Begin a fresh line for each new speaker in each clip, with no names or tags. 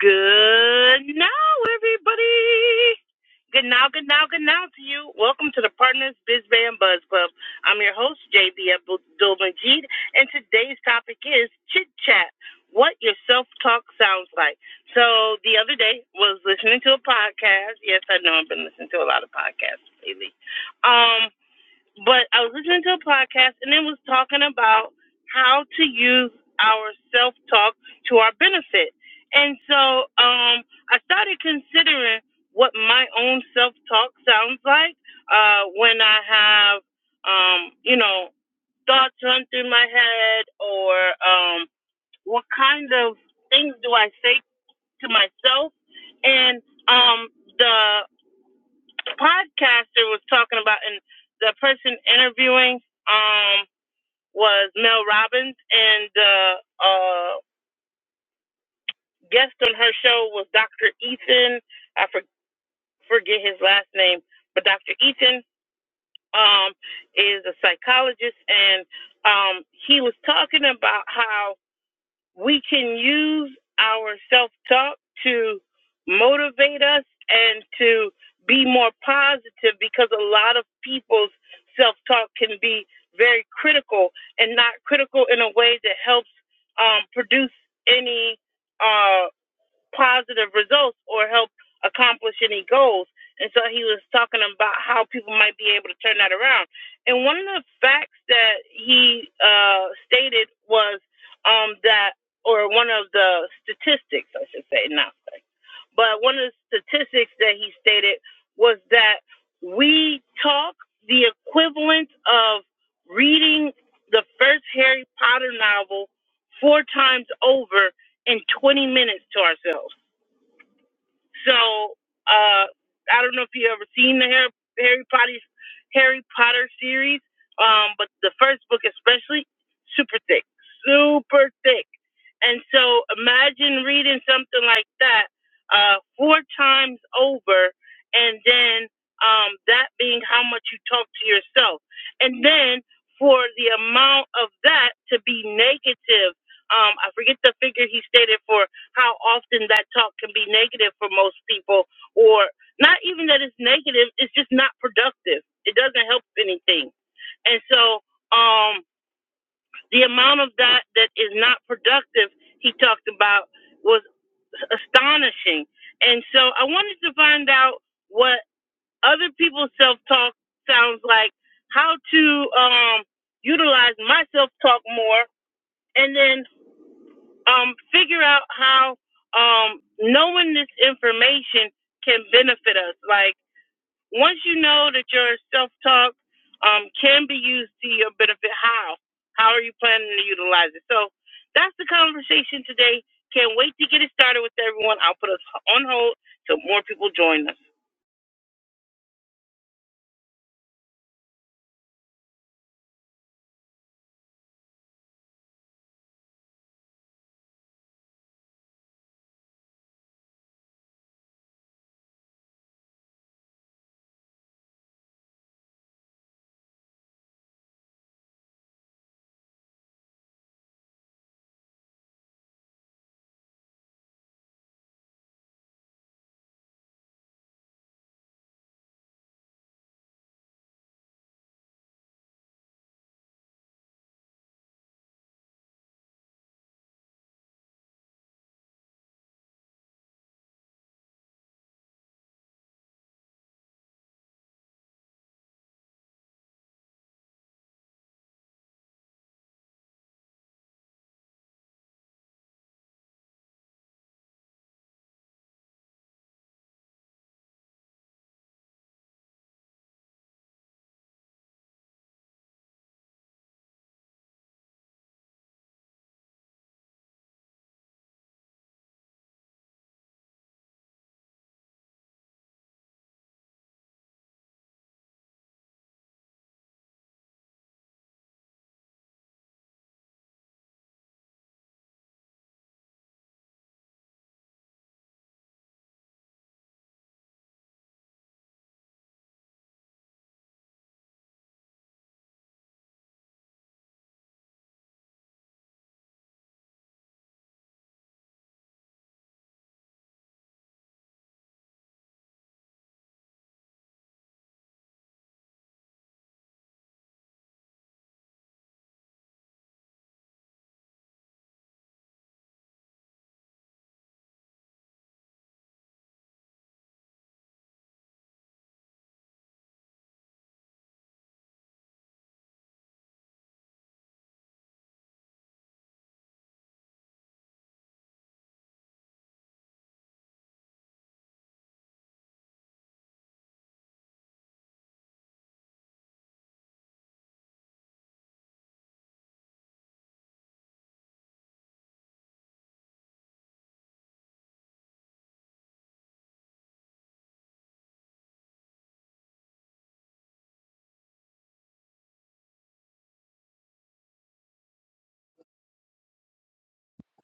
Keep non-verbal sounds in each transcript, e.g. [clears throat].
Good now, everybody. Good now, good now, good now to you. Welcome to the Partners Biz Band Buzz Club. I'm your host, JB Abdul Majid, and today's topic is chit chat. What your self talk sounds like. So the other day was listening to a podcast. Yes, I know I've been listening to a lot of podcasts lately. Um. But I was listening to a podcast and it was talking about how to use our self talk to our benefit. And so um, I started considering what my own self talk sounds like uh, when I have, um, you know, thoughts run through my head or um, what kind of things do I say to myself. And um, the podcaster was talking about, and the person interviewing um was Mel Robbins, and the uh, guest on her show was Dr. Ethan. I for, forget his last name, but Dr. Ethan um is a psychologist, and um he was talking about how we can use our self talk to motivate us and to be more positive because a lot of people's self talk can be very critical and not critical in a way that helps um, produce any uh, positive results or help accomplish any goals. And so he was talking about how people might be able to turn that around. And one of the facts that he uh, stated was um, that, or one of the statistics, I should say, not facts, but one of the statistics that he stated was that we talk the equivalent of reading the first Harry Potter novel four times over and 20 minutes to ourselves. So uh, I don't know if you ever seen the Harry, Harry Potter Harry Potter series, um, but the first book especially, super thick, super thick. And so imagine reading something like that uh, four times over, and then um, that being how much you talk to yourself, and then for the amount of that to be negative. Um, I forget the figure he stated for how often that talk can be negative for most people, or not even that it's negative, it's just not productive. It doesn't help anything. And so, um, the amount of that that is not productive he talked about was astonishing. And so, I wanted to find out what other people's self talk sounds like, how to um, utilize my self talk more, and then um, figure out how um, knowing this information can benefit us. Like once you know that your self talk um, can be used to your benefit, how? How are you planning to utilize it? So that's the conversation today. Can't wait to get it started with everyone. I'll put us on hold till more people join us.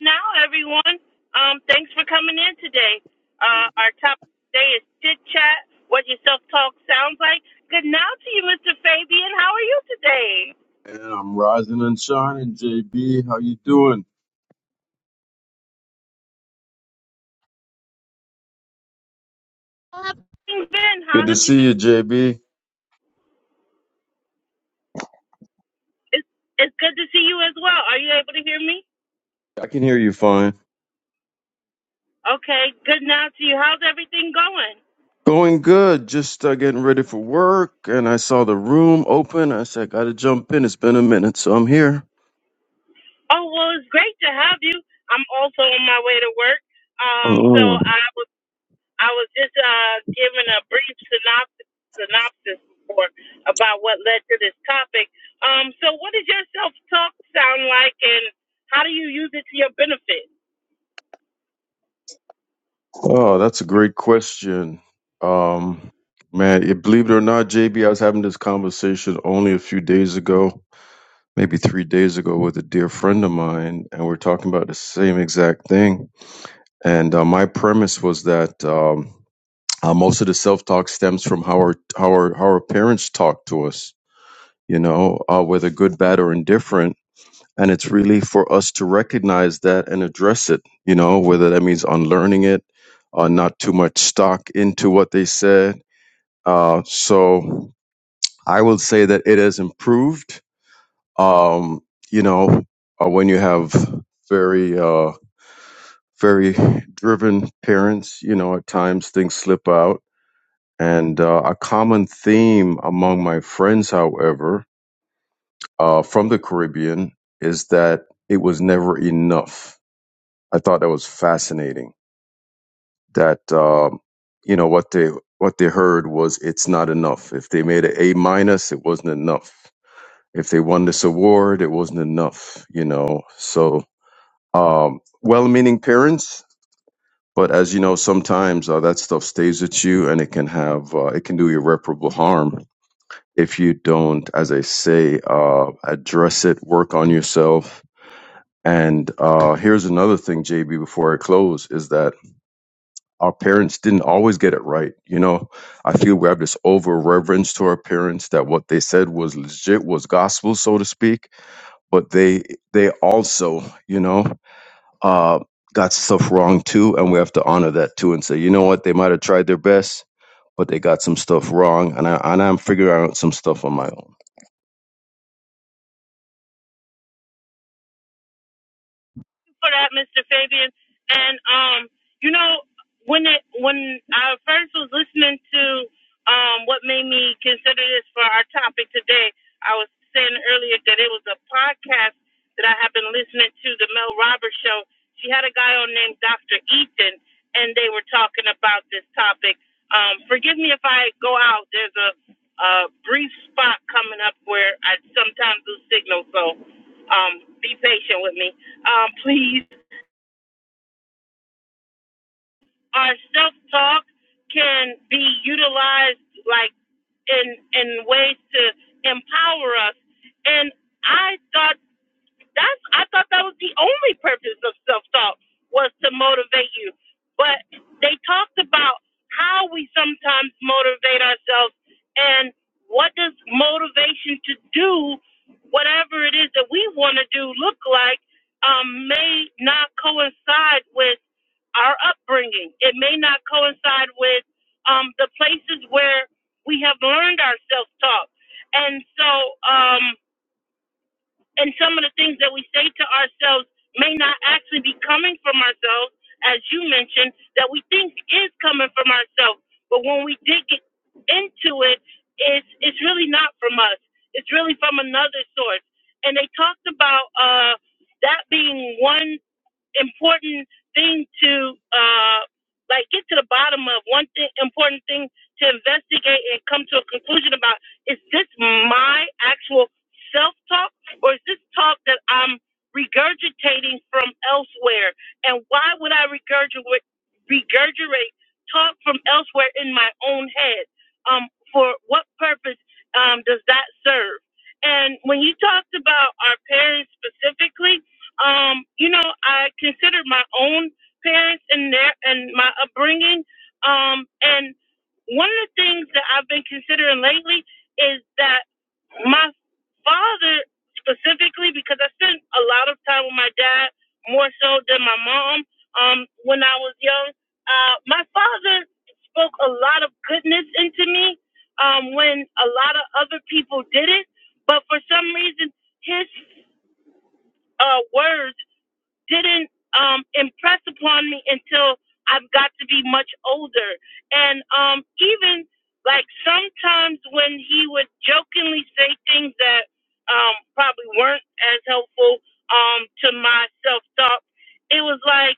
now, everyone. Um, thanks for coming in today. Uh, our topic today is chit chat. What your self talk sounds like. Good now to you, Mr. Fabian. How are you today?
And I'm rising and shining, JB. How you doing?
How have you been? How
Good to
have you
see
been?
you, JB.
It's, it's good to see you as well. Are you able to hear me?
I can hear you fine.
Okay. Good now to you. How's everything going?
Going good. Just uh, getting ready for work, and I saw the room open. I said, "Got to jump in." It's been a minute, so I'm here.
Oh well, it's great to have you. I'm also on my way to work. Um, so
Mm.
I was. I was just uh, giving a brief synopsis, synopsis for about what led to this topic. Um, so, what does your self talk sound like, and how do you use it to your benefit?
Oh, that's a great question. Um, man, it- believe it or not, JB, I was having this conversation only a few days ago, maybe three days ago, with a dear friend of mine, and we we're talking about the same exact thing. And uh, my premise was that. Um, Uh, most of the self talk stems from how our, how our how our parents talk to us, you know, uh, whether good, bad, or indifferent. And it's really for us to recognize that and address it, you know, whether that means unlearning it, uh, not too much stock into what they said. Uh, so I will say that it has improved. Um, you know, uh, when you have very uh, very driven parents, you know, at times things slip out And uh, a common theme among my friends, however, uh, from the Caribbean, is that it was never enough. I thought that was fascinating. That um, you know what they what they heard was it's not enough. If they made an A minus, it wasn't enough. If they won this award, it wasn't enough. You know, so um, well-meaning parents, but as you know, sometimes uh, that stuff stays with you, and it can have uh, it can do irreparable harm if you don't, as I say, uh, address it, work on yourself. And uh, here's another thing, JB, before I close, is that our parents didn't always get it right. You know, I feel we have this over reverence to our parents that what they said was legit, was gospel, so to speak. But they they also, you know, uh, got stuff wrong too, and we have to honor that too, and say, you know what, they might have tried their best, but they got some stuff wrong, and I and I'm figuring out some stuff on my own.
for that, Mr. Fabian. And um, you know, when it when I first was listening to um what made me consider this for our topic today, I was saying earlier that it was a podcast that I have been listening to, the Mel Roberts show. She had a guy on named Dr. Ethan and they were talking about this topic. Um, forgive me if I go out. There's a, a brief spot coming up where I sometimes lose signal, so um, be patient with me um, please. Our self talk can be utilized like in in ways to empower us. And I thought That's I thought that was the only purpose of self talk was to motivate you. But they talked about how we sometimes motivate ourselves and what does motivation to do whatever it is that we want to do look like um, may not coincide with our upbringing. It may not coincide with um, the places where we have learned our self talk. And so, um, and some of the things that we say to ourselves may not actually be coming from ourselves, as you mentioned, that we think is coming from ourselves. But when we dig it- into it, it's it's really not from us. It's really from another source. And they talked about uh, that being one important thing to uh like get to the bottom of one thing important thing to investigate and come to a conclusion about is this my actual self talk or is this talk that I'm regurgitating from elsewhere and why would I regurgitate regurgitate talk from elsewhere in my own head um for what purpose um does that serve and when you talked about our parents specifically um, you know, I consider my own parents and their and my upbringing. Um, and one of the things that I've been considering lately is that my father specifically, because I spent a lot of time with my dad more so than my mom. Um, when I was young, uh, my father spoke a lot of goodness into me um, when a lot of other people didn't. But for some reason, his uh, words didn't um, impress upon me until I've got to be much older. And um, even like sometimes when he would jokingly say things that um, probably weren't as helpful um, to my self talk it was like,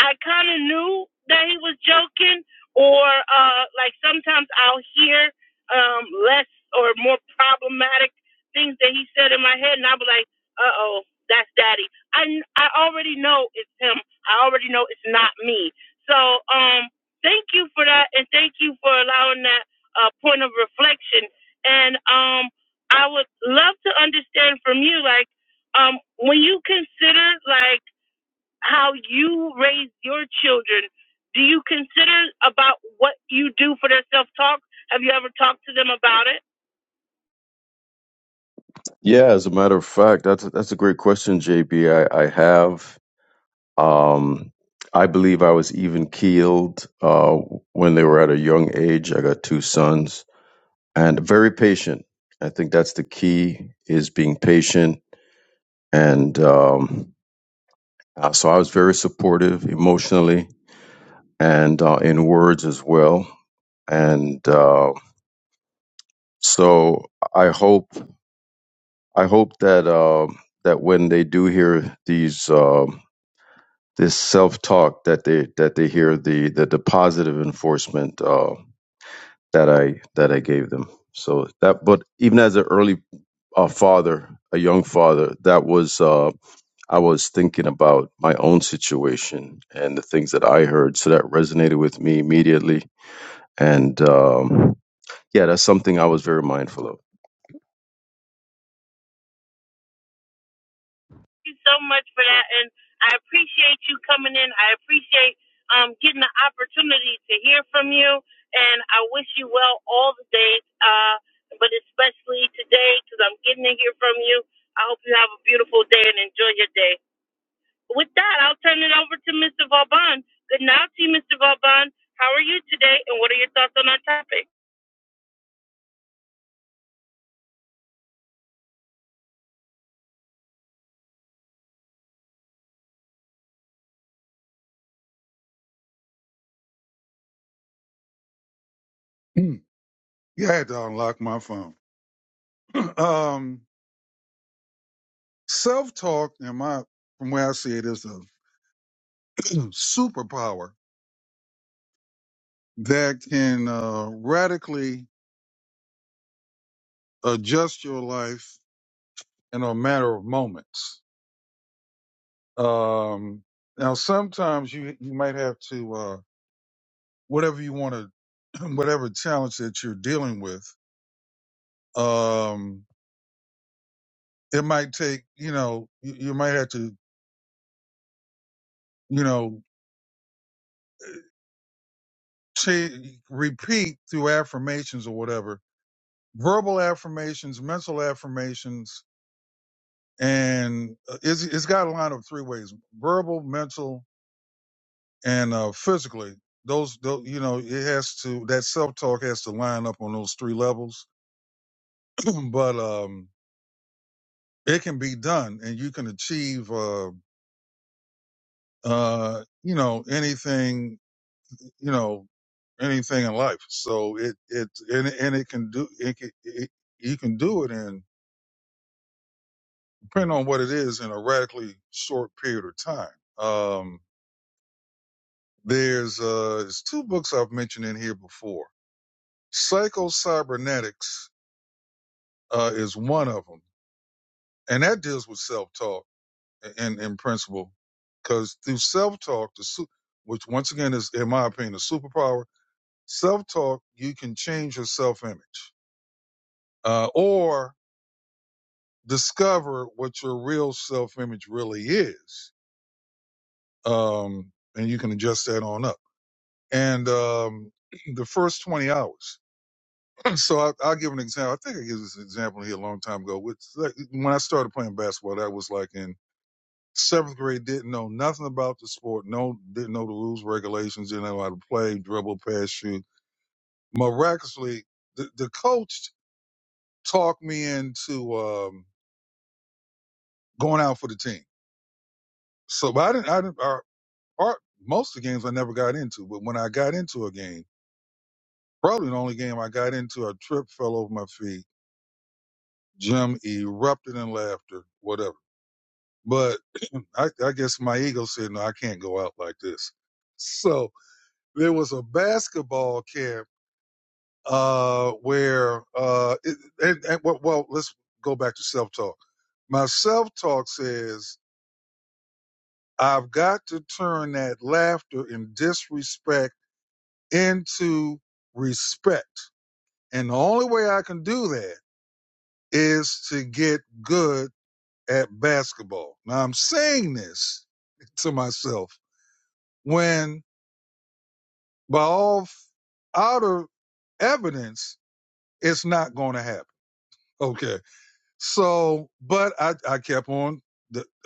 I kind of knew that he was joking, or uh, like sometimes I'll hear um, less or more problematic things that he said in my head, and I'll be like, "Uh oh, that's Daddy." I I already know it's him. I already know it's not me. So um, thank you for that, and thank you for allowing that uh, point of reflection. And um, I would love to understand from you, like, um, when you consider like how you raise your children. Do you consider about what you do for their self talk? Have you ever talked to them about it?
Yeah, as a matter of fact, that's that's a great question, JB. I, I have. Um, I believe I was even keeled uh, when they were at a young age. I got two sons and very patient. I think that's the key is being patient. And um, uh, so I was very supportive emotionally and uh, in words as well. And uh, so I hope I hope that uh, that when they do hear these. um this self-talk that they that they hear the the, the positive enforcement uh, that I that I gave them. So that, but even as an early uh, father, a young father, that was uh, I was thinking about my own situation and the things that I heard. So that resonated with me immediately, and. Um, yeah, that's something I was very mindful of.
Thank you so much for that, and I appreciate you coming in. I appreciate um, getting the opportunity to hear from you, and I wish you well all the days, uh, but especially today because I'm getting to hear from you. I hope you have a beautiful day and enjoy your day. With that, I'll turn it over to Mr. Vauban. Good night to you, Mr. Vauban. How are you today, and what are your thoughts on our topic?
Hmm. Yeah, I had to unlock my phone. [clears throat] um, Self talk, in my from where I see it, is a superpower that can uh, radically adjust your life in a matter of moments. Um, now, sometimes you you might have to uh, whatever you want to, [clears throat] whatever challenge that you're dealing with. Um, it might take you know you, you might have to you know cha- repeat through affirmations or whatever verbal affirmations, mental affirmations, and uh, it's, it's got a line of three ways: verbal, mental, and uh, physically. Those, those, you know, it has to that self talk has to line up on those three levels, [clears throat] but um, it can be done, and you can achieve, uh, uh, you know, anything, you know, anything in life. So it it and, and it can do it, can, it. You can do it in depending on what it is, in a radically short period of time. Um, there's uh, there's two books I've mentioned in here before. Psycho Cybernetics uh, is one of them, and that deals with self talk in in principle, because through self talk, the su- which once again is in my opinion a superpower, self talk you can change your self image uh, or discover what your real self image really is. Um, and you can adjust that on up. and um, the first 20 hours. [clears throat] So I, I'll give an example. I think I gave this example here a long time ago. Which, like, when I started playing basketball, that was like in seventh grade. Didn't know nothing about the sport. No, didn't know the rules, regulations. Didn't know how to play, dribble, pass, shoot. Miraculously, the, the coach talked me into um, going out for the team. So, but I didn't. I didn't. Our, our, most of the games I never got into, but when I got into a game, probably the only game I got into, a trip fell over my feet Jim erupted in laughter, whatever. But [clears throat] I, I guess my ego said, no, I can't go out like this. So there was a basketball camp uh, where, uh, it, and, and well, well, let's go back to self talk. My self talk says, I've got to turn that laughter and disrespect into respect. And the only way I can do that is to get good at basketball. Now I'm saying this [laughs] to myself when by all outer evidence, it's not going to happen. Okay. So, but I, I kept on,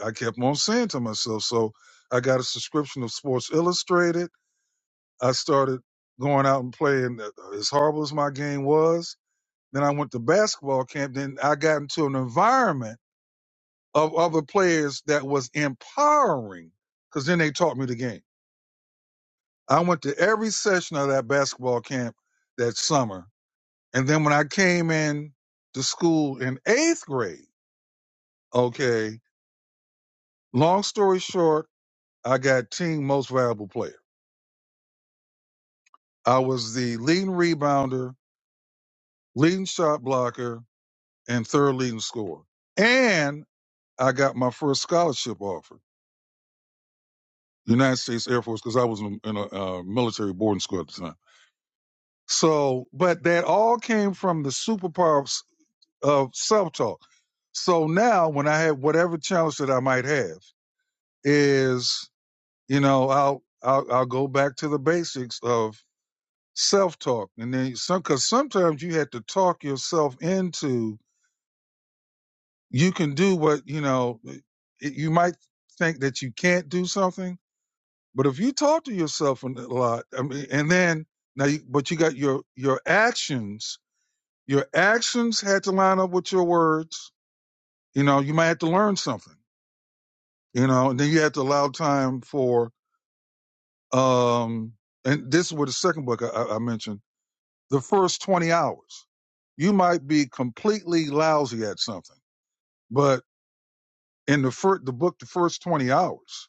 I kept on saying to myself, so I got a subscription of Sports Illustrated. I started going out and playing uh, uh, as horrible as my game was. Then I went to basketball camp. Then I got into an environment of other players that was empowering because then they taught me the game. I went to every session of that basketball camp that summer. And then when I came in to school in eighth grade, okay, long story short, I got team most valuable player. I was the leading rebounder, leading shot blocker, and third leading scorer. And I got my first scholarship offer, United States Air Force, because I was in in a uh, military boarding school at the time. So, but that all came from the superpower of self talk. So now, when I have whatever challenge that I might have, is you know I'll I'll, I'll go back to the basics of self talk, and then some because sometimes you have to talk yourself into you can do what you know. It, you might think that you can't do something, but if you talk to yourself a lot, I mean, and then now, you, but you got your your actions. Your actions had to line up with your words. You know, you might have to learn something you know. And then you have to allow time for, um, and this was the second book I, I mentioned. The first twenty hours, you might be completely lousy at something, but in the first, the book, the first twenty hours,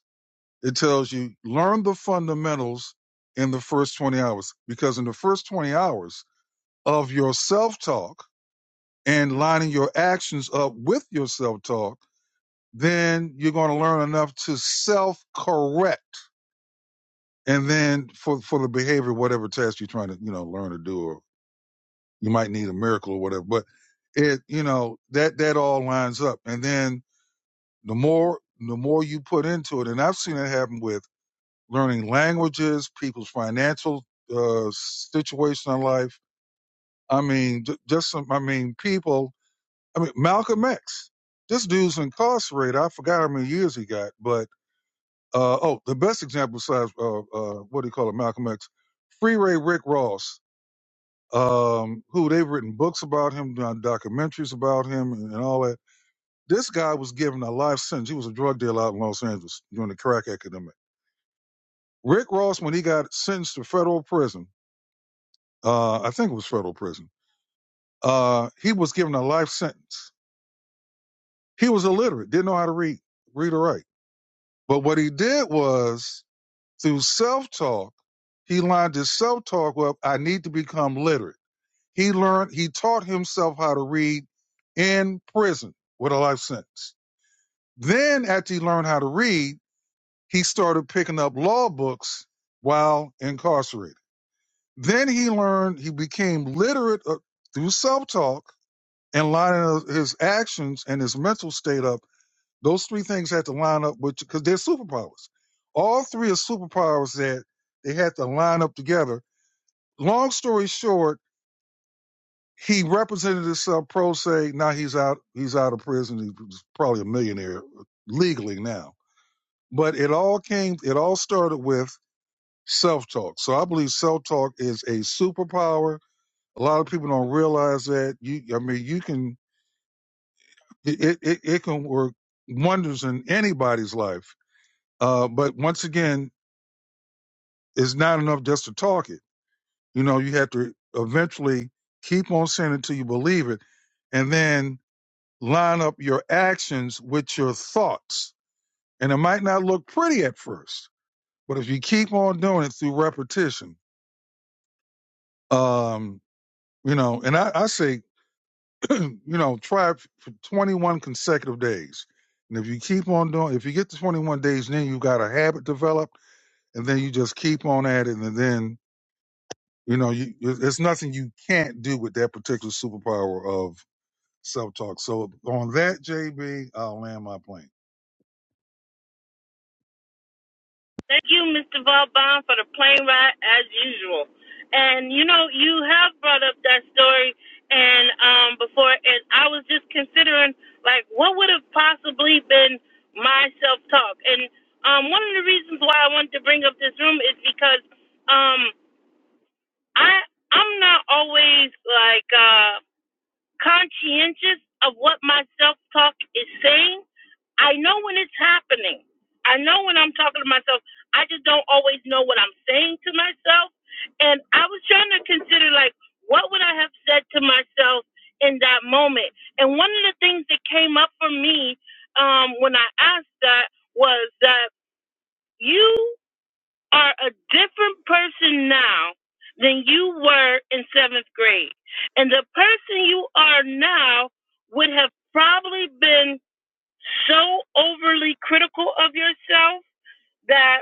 it tells you learn the fundamentals in the first twenty hours, because in the first twenty hours of your self talk and lining your actions up with your self talk, then you're going to learn enough to self correct And then for for the behavior, whatever test you're trying to you know learn to do, or you might need a miracle or whatever. But it you know that that all lines up. And then the more the more you put into it, and I've seen it happen with learning languages, people's financial uh, situation in life. I mean, ju- just some. I mean, people. I mean, Malcolm X. This dude's incarcerated. I forgot how many years he got, but uh, oh, the best example besides uh, uh, what do you call it, Malcolm X, Free Ray Rick Ross um, who they've written books about him, done documentaries about him, and, and all that. This guy was given a life sentence. He was a drug dealer out in Los Angeles during the crack epidemic. Rick Ross, when he got sentenced to federal prison, uh, I think it was federal prison, uh, he was given a life sentence. He was illiterate, didn't know how to read, read or write. But what he did was through self talk, he lined his self talk up. I need to become literate He learned, he taught himself how to read in prison with a life sentence. Then, after he learned how to read, he started picking up law books while incarcerated. Then he learned, he became literate uh, through self talk and lining his actions and his mental state up. Those three things had to line up with, because they're superpowers. All three are superpowers that they had to line up together. Long story short, he represented himself pro se. Now he's out. He's out of prison. He's probably a millionaire legally now. But it all came. It all started with self talk. So I believe self talk is a superpower. A lot of people don't realize that. You, I mean, you can. It it, it can work wonders in anybody's life. Uh, but once again, it's not enough just to talk it. You know, you have to eventually keep on saying it till you believe it, and then line up your actions with your thoughts. And it might not look pretty at first, but if you keep on doing it through repetition, um, you know, and I, I say, [clears throat] you know, try it for 21 consecutive days. And if you keep on doing, if you get to 21 days, then you got a habit developed, and then you just keep on at it, and then you know, you, there's nothing you can't do with that particular superpower of self-talk. So on that, JB, I'll land my plane.
Thank you, Mr. Vauban, for the plane ride as usual. And you know, you have brought up that story, and um, before, and I was just considering, like, what would have possibly been my self-talk. And um, one of the reasons why I wanted to bring up this room is because um, I I'm not always like. Uh, conscientious of what my self talk is saying. I know when it's happening. I know when I'm talking to myself. I just don't always know what I'm saying to myself. And I was trying to consider, like, what would I have said to myself in that moment? And one of the things that came up for me um, when I asked that was that you are a different person now than you were in seventh grade. And the person you are now would have probably been so overly critical of yourself that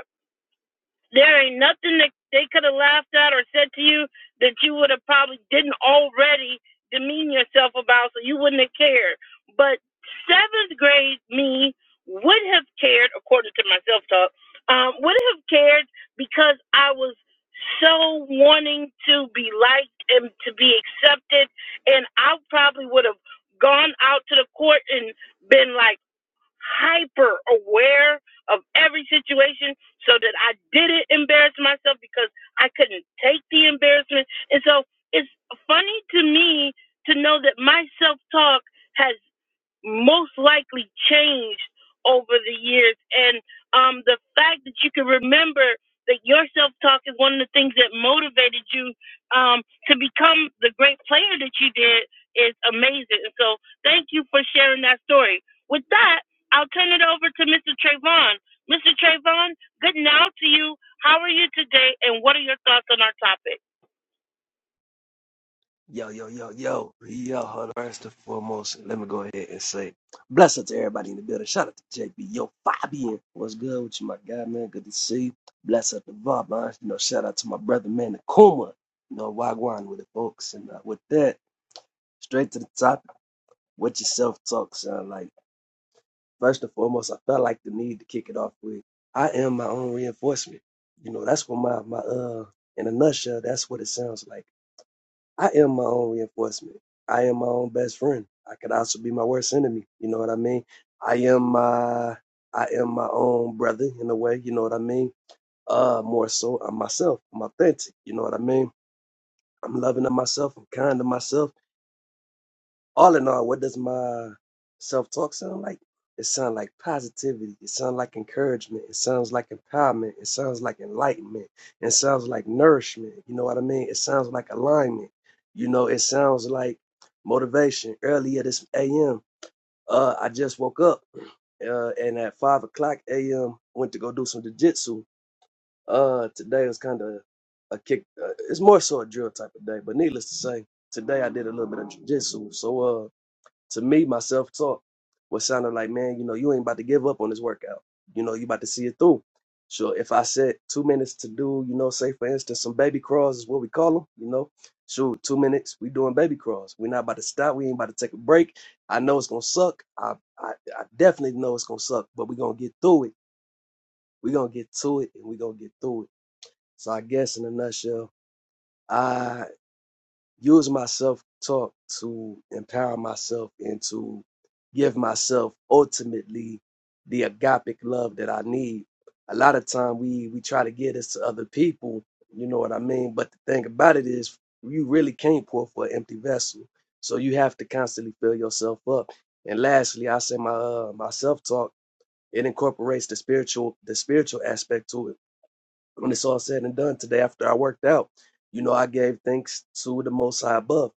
there ain't nothing that they could have laughed at or said to you that you would have probably didn't already demean yourself about, so you wouldn't have cared. But seventh grade me would have cared, according to my self talk, um, would have cared because I was so wanting to be liked and to be accepted, and I probably would have gone out to the court and been like hyper aware of every situation so that I didn't embarrass myself because I couldn't take the embarrassment. And so it's funny to me to know that my self talk has most likely changed over the years. And um, the fact that you can remember that your self talk is one of the things that motivated you um, to become the great player that you did is amazing. And so thank you for sharing that story. With that, I'll turn it over to Mr. Trayvon. Mr. Trayvon, good now to you. How are you today, and what are your thoughts on our topic?
Yo, yo, yo, yo, yo, hold First and foremost, let me go ahead and say bless up to everybody in the building. Shout out to JB. Yo, Fabian, what's good with you, my guy, man? Good to see you. Bless up to Bob, man. You know, shout out to my brother, man, Nakuma. You know, Wagwan with the folks. And uh, with that, straight to the topic, what your self talk sound like. First and foremost, I felt like the need to kick it off with I am my own reinforcement. You know, that's what my, my, uh, in a nutshell, that's what it sounds like. I am my own reinforcement. I am my own best friend. I could also be my worst enemy. You know what I mean? I am my I am my own brother in a way, you know what I mean? Uh more so I'm myself. I'm authentic, you know what I mean? I'm loving to myself, I'm kind to myself all in all, what does my self talk sound like? It sounds like positivity. It sounds like encouragement. It sounds like empowerment. It sounds like enlightenment. It sounds like nourishment. You know what I mean? It sounds like alignment. You know, it sounds like motivation. Earlier this AM, uh, I just woke up uh, and at 5 o'clock AM, went to go do some jujitsu. Uh, today was kind of a kick. Uh, it's more so a drill type of day, but needless to say, today I did a little bit of jujitsu. So, uh, to me, myself, talk was sounding like, man, you know, you ain't about to give up on this workout. You know, you about to see it through. Sure, if I said two minutes to do, you know, say for instance, some baby crawls is what we call them, you know, shoot, two minutes, we doing baby crawls. We're not about to stop. We ain't about to take a break. I know it's going to suck. I, I, I definitely know it's going to suck, but we're going to get through it. We're going to get to it and we're going to get through it. So I guess in a nutshell, I use my self talk to empower myself and to give myself ultimately the agapic love that I need. A lot of time we we try to give this to other people, you know what I mean? But the thing about it is you really can't pour for an empty vessel. So you have to constantly fill yourself up. And lastly, I say my uh, my self talk, it incorporates the spiritual the spiritual aspect to it. When it's all said and done today after I worked out, you know, I gave thanks to the most high above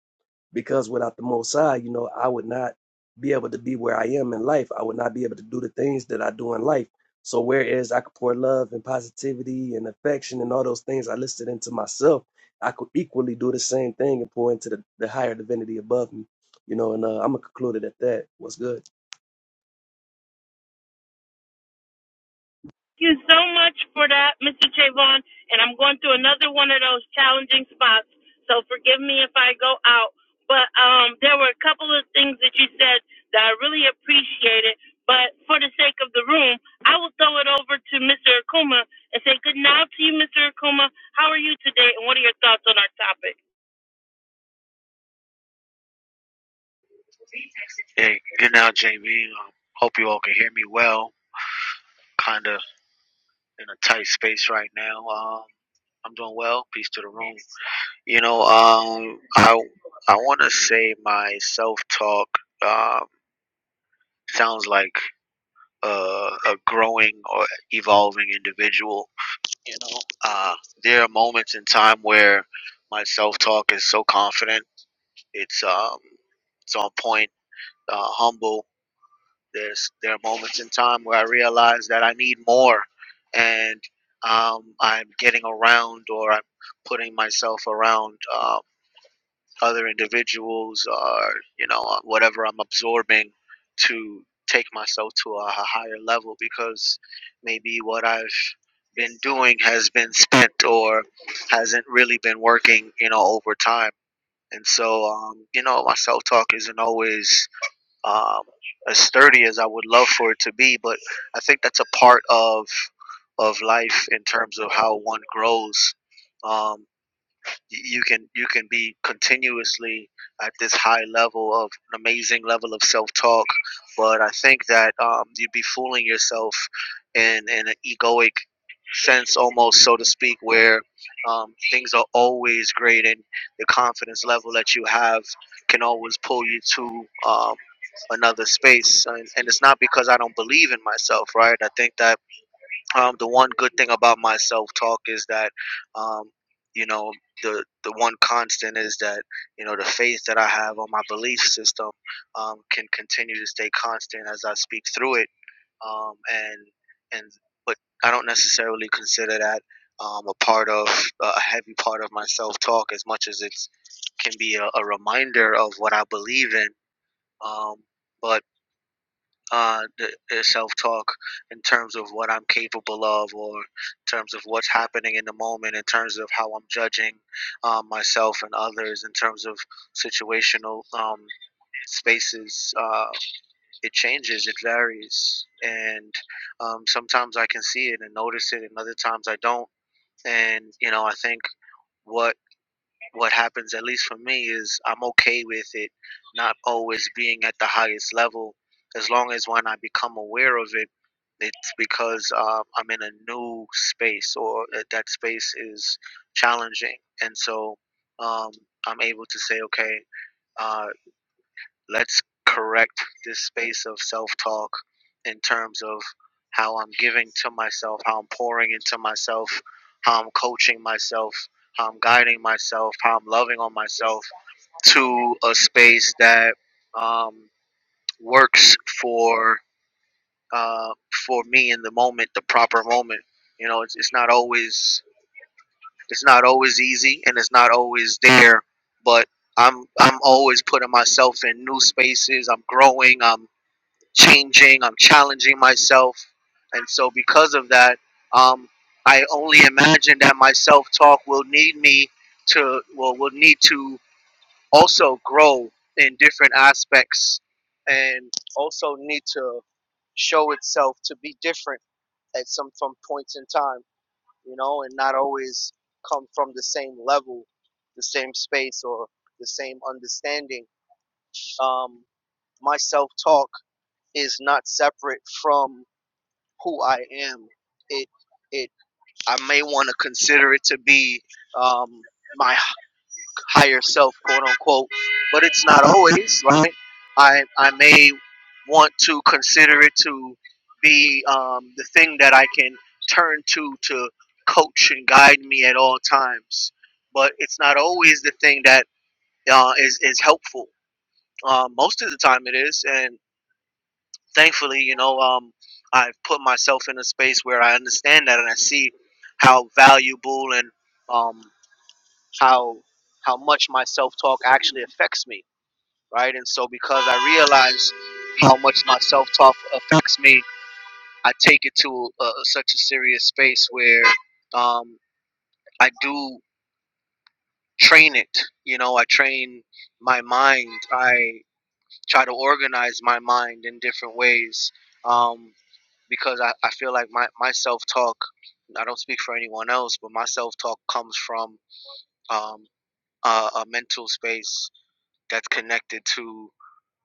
because without the Most High, you know, I would not be able to be where I am in life. I would not be able to do the things that I do in life. So whereas I could pour love and positivity and affection and all those things I listed into myself, I could equally do the same thing and pour into the, the higher divinity above me. You know, and uh, I'm gonna conclude it at that. What's good?
Thank you so much for that, Mr. Trayvon. And I'm going through another one of those challenging spots, so forgive me if I go out. But um, there were a couple of things that you said that I really appreciated. But for the sake of the room, I will throw it over to Mr. Akuma and say good night to you, Mr. Akuma. How are you today, and what are your thoughts on our topic?
Hey, good now, JB. Um, hope you all can hear me well. Kind of in a tight space right now. Um, I'm doing well. Peace to the room. You know, um, I I want to say my self talk um, sounds like uh, a growing or evolving individual. You know, uh, there are moments in time where my self talk is so confident. It's um, it's on point, uh, humble, There's there are moments in time where I realize that I need more, and um, I'm getting around or I'm putting myself around uh, other individuals or you know uh, whatever I'm absorbing to take myself to a a higher level because maybe what I've been doing has been spent or hasn't really been working you know over time and so um, you know my self talk isn't always um, as sturdy as I would love for it to be. But I think that's a part of of life in terms of how one grows. Um, y- you can you can be continuously at this high level of an amazing level of self talk, but I think that um, you'd be fooling yourself in in an egoic sense, almost so to speak, where um, things are always great and the confidence level that you have can always pull you to um, another space. And, and it's not because I don't believe in myself, right? I think that um, the one good thing about my self talk is that, um, you know, the the one constant is that you know the faith that I have on my belief system um, can continue to stay constant as I speak through it, um, and and but I don't necessarily consider that um, a part of a heavy part of my self talk as much as it's can be a, a reminder of what I believe in. Um, but uh, the, the self talk in terms of what I'm capable of, or in terms of what's happening in the moment, in terms of how I'm judging um, myself and others, in terms of situational um, spaces. Uh, it changes, it varies. And um, sometimes I can see it and notice it, and other times I don't. And, you know, I think what what happens, at least for me, is I'm okay with it not always being at the highest level. As long as when I become aware of it, it's because uh, I'm in a new space or that that space is challenging. And so um, I'm able to say, okay, uh, let's correct this space of self talk in terms of how I'm giving to myself, how I'm pouring into myself, how I'm coaching myself, how I'm guiding myself, how I'm loving on myself to a space that um, works for uh, for me in the moment, the proper moment. You know, it's, it's not always it's not always easy, and it's not always there, but I'm I'm always putting myself in new spaces. I'm growing. I'm changing, I'm challenging myself. And so, because of that, um, I only imagine that my self talk will need me to, well, will need to also grow in different aspects and also need to show itself to be different at some from points in time, you know, and not always come from the same level, the same space, or the same understanding. Um, my self talk is not separate from who I am. It it I may want to consider it to be um, my higher self, quote unquote, but it's not always right. I I may want to consider it to be um, the thing that I can turn to to coach and guide me at all times, but it's not always the thing that uh, is is helpful. Uh, most of the time, it is, and thankfully, you know, um, I've put myself in a space where I understand that and I see how valuable and um, how how much my self talk actually affects me, right? And so because I realize how much my self talk affects me, I take it to uh, such a serious space where um, I do train it. You know, I train my mind. I try to organize my mind in different ways. Um, because I, I feel like my, my self talk, I don't speak for anyone else, but my self talk comes from um, a, a mental space that's connected to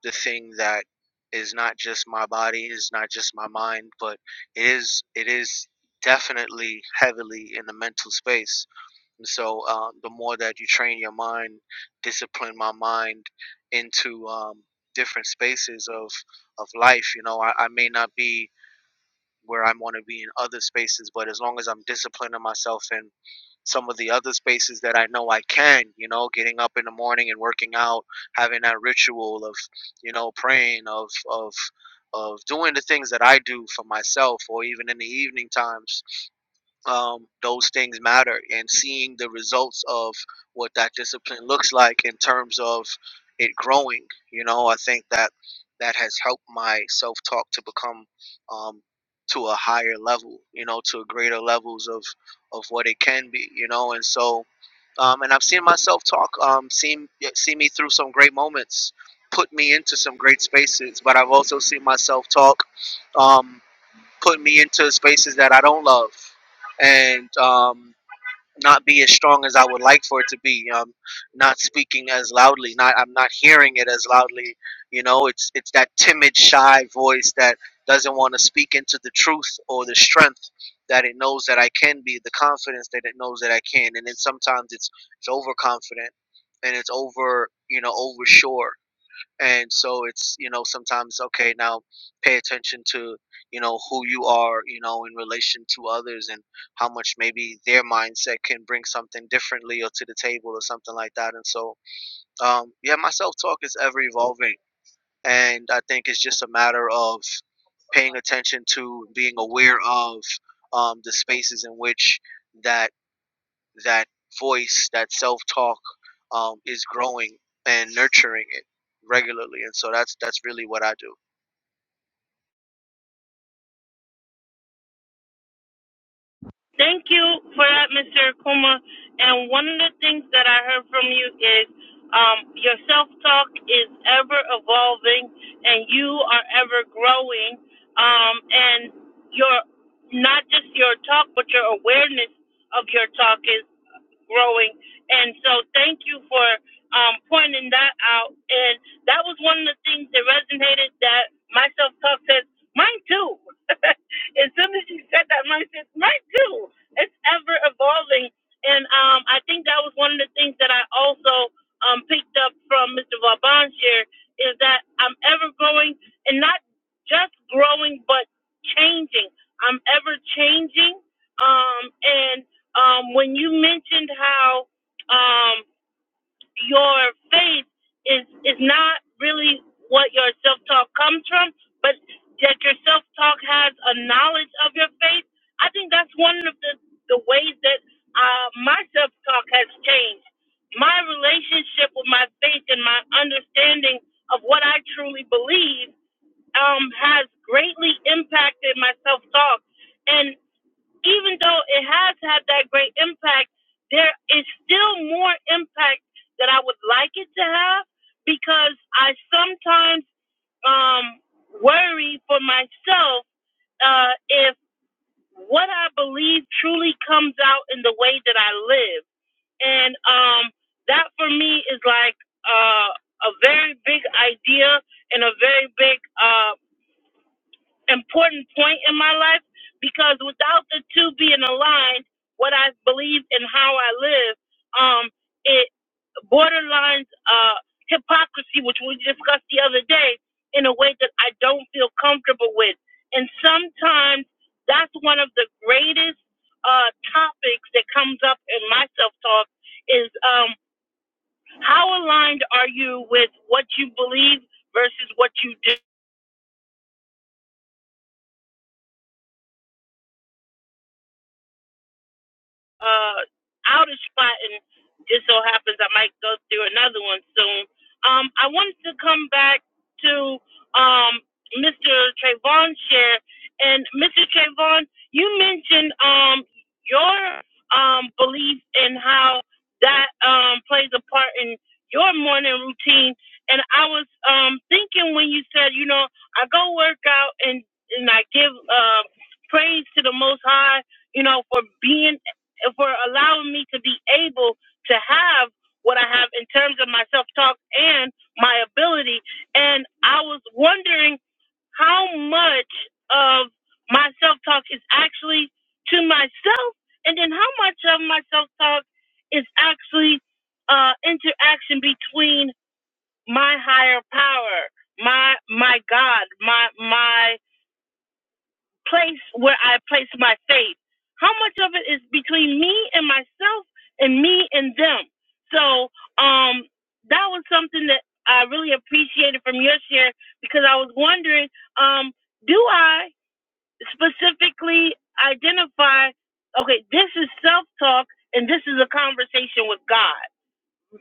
the thing that is not just my body, is not just my mind, but it is it is definitely heavily in the mental space. And so um, the more that you train your mind, discipline my mind into um, different spaces of of life. You know, I, I may not be where I want to be in other spaces. But as long as I'm disciplining myself in some of the other spaces that I know I can, you know, getting up in the morning and working out, having that ritual of, you know, praying, of, of, of doing the things that I do for myself, or even in the evening times, um, those things matter and seeing the results of what that discipline looks like in terms of it growing you know i think that that has helped my self-talk to become um, to a higher level you know to greater levels of of what it can be you know and so um, and i've seen my self-talk um, see, see me through some great moments put me into some great spaces but i've also seen my self-talk put me into spaces that I don't love and um, not be as strong as I would like for it to be. Um, not speaking as loudly. Not I'm not hearing it as loudly. You know, it's it's that timid, shy voice that doesn't want to speak into the truth or the strength that it knows that I can be, the confidence that it knows that I can. And then sometimes it's it's overconfident and it's over you know over sure and so it's you know sometimes okay now pay attention to you know who you are you know in relation to others and how much maybe their mindset can bring something differently or to the table or something like that and so um yeah my self talk is ever evolving and i think it's just a matter of paying attention to being aware of um the spaces in which that that voice, that self talk, um, is growing and nurturing it regularly, and so that's that's really what I do.
Thank you for that, Mr. Akuma. And one of the things that I heard from you is um, your self talk is ever evolving and you are ever growing. Um, and your not just your talk, but your awareness of your talk is growing. And so thank you for um, pointing that out. And that was one of the things that resonated that my self talk says. Mine too. [laughs] as soon as you said that, mine says, mine too. It's ever evolving. And um, I think that was one of the things that I also um, picked up from Mr. Vaban's here is that I'm ever growing and not just growing, but changing. I'm ever changing. Um, and um, when you mentioned how um, your faith is is not really what your self talk comes from, but that your self talk has a knowledge of your faith. I think that's one of the the ways that uh, my self talk has changed. My relationship with my faith and my understanding of what I truly believe um, has greatly impacted my self talk, and even though it has had that great impact, there is still more impact that I would like it to have because I sometimes um, worry for myself uh, if what I believe truly comes out in the way that I live. And um, that for me is like uh, a very big idea and a very big uh, important point in my life because without the two being aligned, what I believe and how I live, um, it borderlines uh, hypocrisy, which we discussed the other day, in a way that I don't feel comfortable with. And sometimes that's one of the greatest uh, topics that comes up in my self talk is um, how aligned are you with what you believe versus what you do? uh out of spot and just so happens I might go through another one soon. Um I wanted to come back to um Mr. Trayvon's share and Mr. Trayvon, you mentioned um your um belief in how that um plays a part in your morning routine and I was um thinking when you said, you know, I go work out and and I give uh praise to the most high you know, for being for allowing me to be able to have what I have in terms of my self talk and my ability. And I was wondering how much of my self talk is actually to myself, and then how much of my self talk is actually uh, interaction between my higher power, my my God, my my place where I place my faith. How much of it is between me and myself and me and them? So um, that was something that I really appreciated from your share because I was wondering um, do I specifically identify, okay, this is self talk and this is a conversation with God?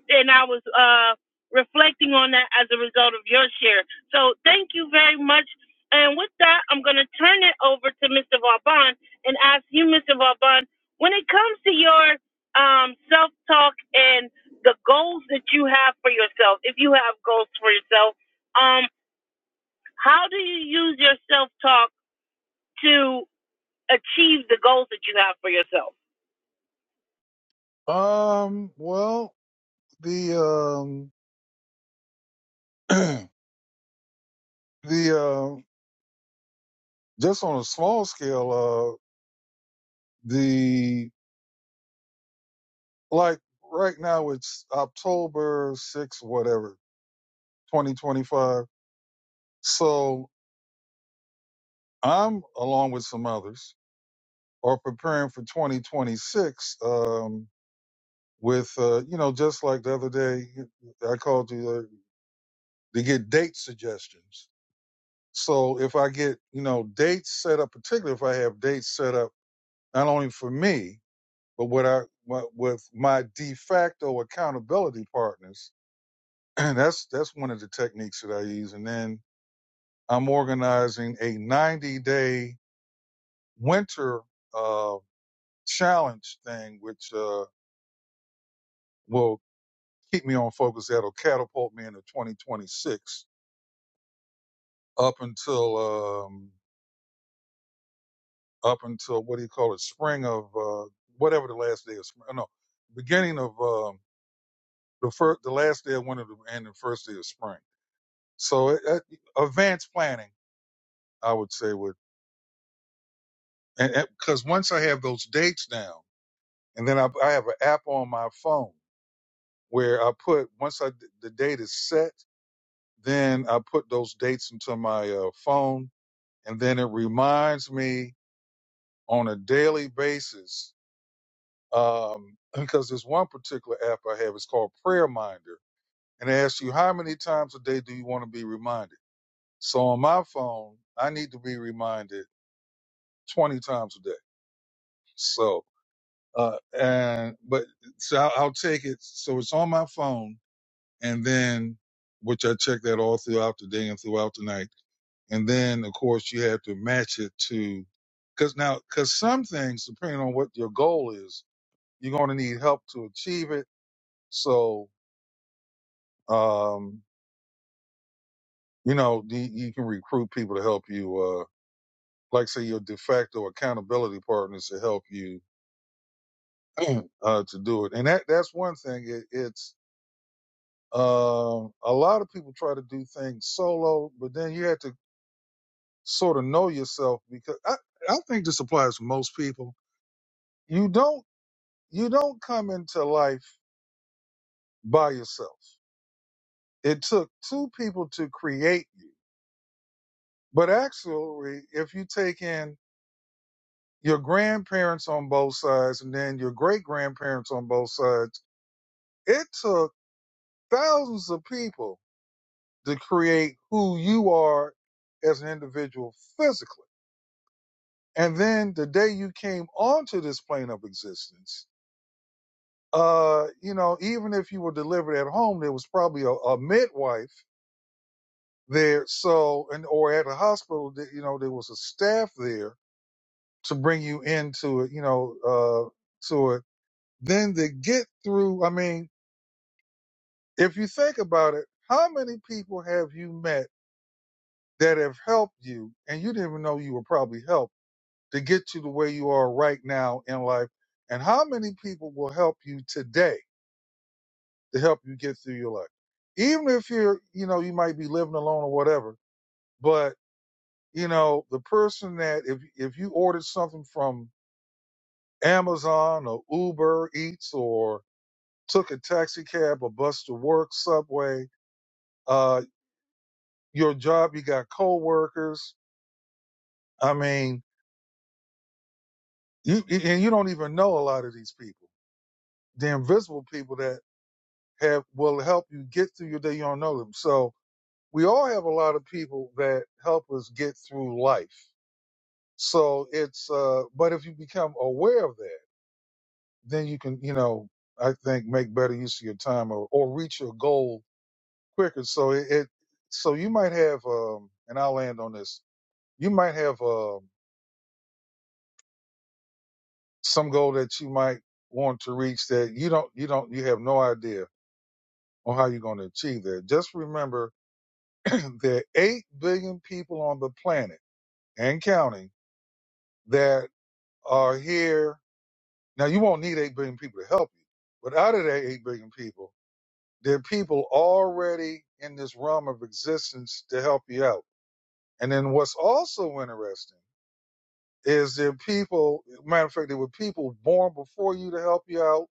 and I was uh, reflecting on that as a result of your share. So thank you very much. And with that, I'm going to turn it over to Mr. Vauban and ask you, Mr. Vauban, when it comes to your um, self talk and the goals that you have for yourself, if you have goals for yourself, um, how do you use your self talk to achieve the goals that you have for yourself?
Um, well, the um [clears throat] the um just on a small scale uh the like right now it's october 6 whatever 2025 so i'm along with some others are preparing for 2026 um with uh you know just like the other day i called you uh, to get date suggestions so if i get you know dates set up particularly if i have dates set up not only for me But what I what, with my de facto accountability partners, [clears throat] that's that's one of the techniques that I use. And then I'm organizing a 90 day winter uh, challenge thing, which uh, will keep me on focus. That'll catapult me into 2026 up until um, up until what do you call it? Spring of uh, whatever the last day of spring. No, beginning of um, the first, the last day of winter and the first day of spring So it, it, advanced planning, I would say, would because once I have those dates down, and then I, I have an app on my phone where I put once I the date is set, then I put those dates into my uh, phone, and then it reminds me on a daily basis. Um, [clears throat] because there's one particular app I have, it's called Prayer Minder, and it asks you how many times a day do you want to be reminded. So on my phone, I need to be reminded 20 times a day. So Uh, and but so I'll, I'll take it. So it's on my phone, and then which I check that all throughout the day and throughout the night. And then of course you have to match it to, because now because some things depending on what your goal is, you're going to need help to achieve it. So um, you know the, you can recruit people to help you. Uh, like say your de facto accountability partners to help you [clears throat] uh, to do it. And that that's one thing. It, it's Um, a lot of people try to do things solo, but then you have to sort of know yourself because I, I think this applies to most people. You don't you don't come into life by yourself. It took two people to create you. But actually, if you take in your grandparents on both sides and then your great grandparents on both sides, it took thousands of people to create who you are as an individual physically And then the day you came onto this plane of existence, uh, you know, even if you were delivered at home, there was probably a, a midwife there. So, and or at a hospital, you know, there was a staff there to bring you into it, you know, uh, to it. Then to get through, I mean, if you think about it, how many people have you met that have helped you and you didn't even know you were probably helped? to get you to where you are right now in life and how many people will help you today to help you get through your life even if you're you know you might be living alone or whatever but you know the person that if if you ordered something from amazon or uber eats or took a taxi cab or bus to work subway uh your job you got coworkers i mean you and you don't even know a lot of these people the invisible people that. have will help you get through your day. You don't know them. So we all have a lot of people that help us get through life. So it's uh, but if you become aware of that, then you can you know I think make better use of your time or, or reach your goal quicker. So it, it so you might have um, and I'll land on this. You might have um some goal that you might want to reach that you don't you don't you have no idea on how you're going to achieve that. Just remember [clears throat] there are eight billion people on the planet and counting that are here. Now, you won't need 8 billion people to help you, but out of that 8 billion people, there are people already in this realm of existence to help you out. And then what's also interesting is there are people, matter of fact, there were people born before you to help you out.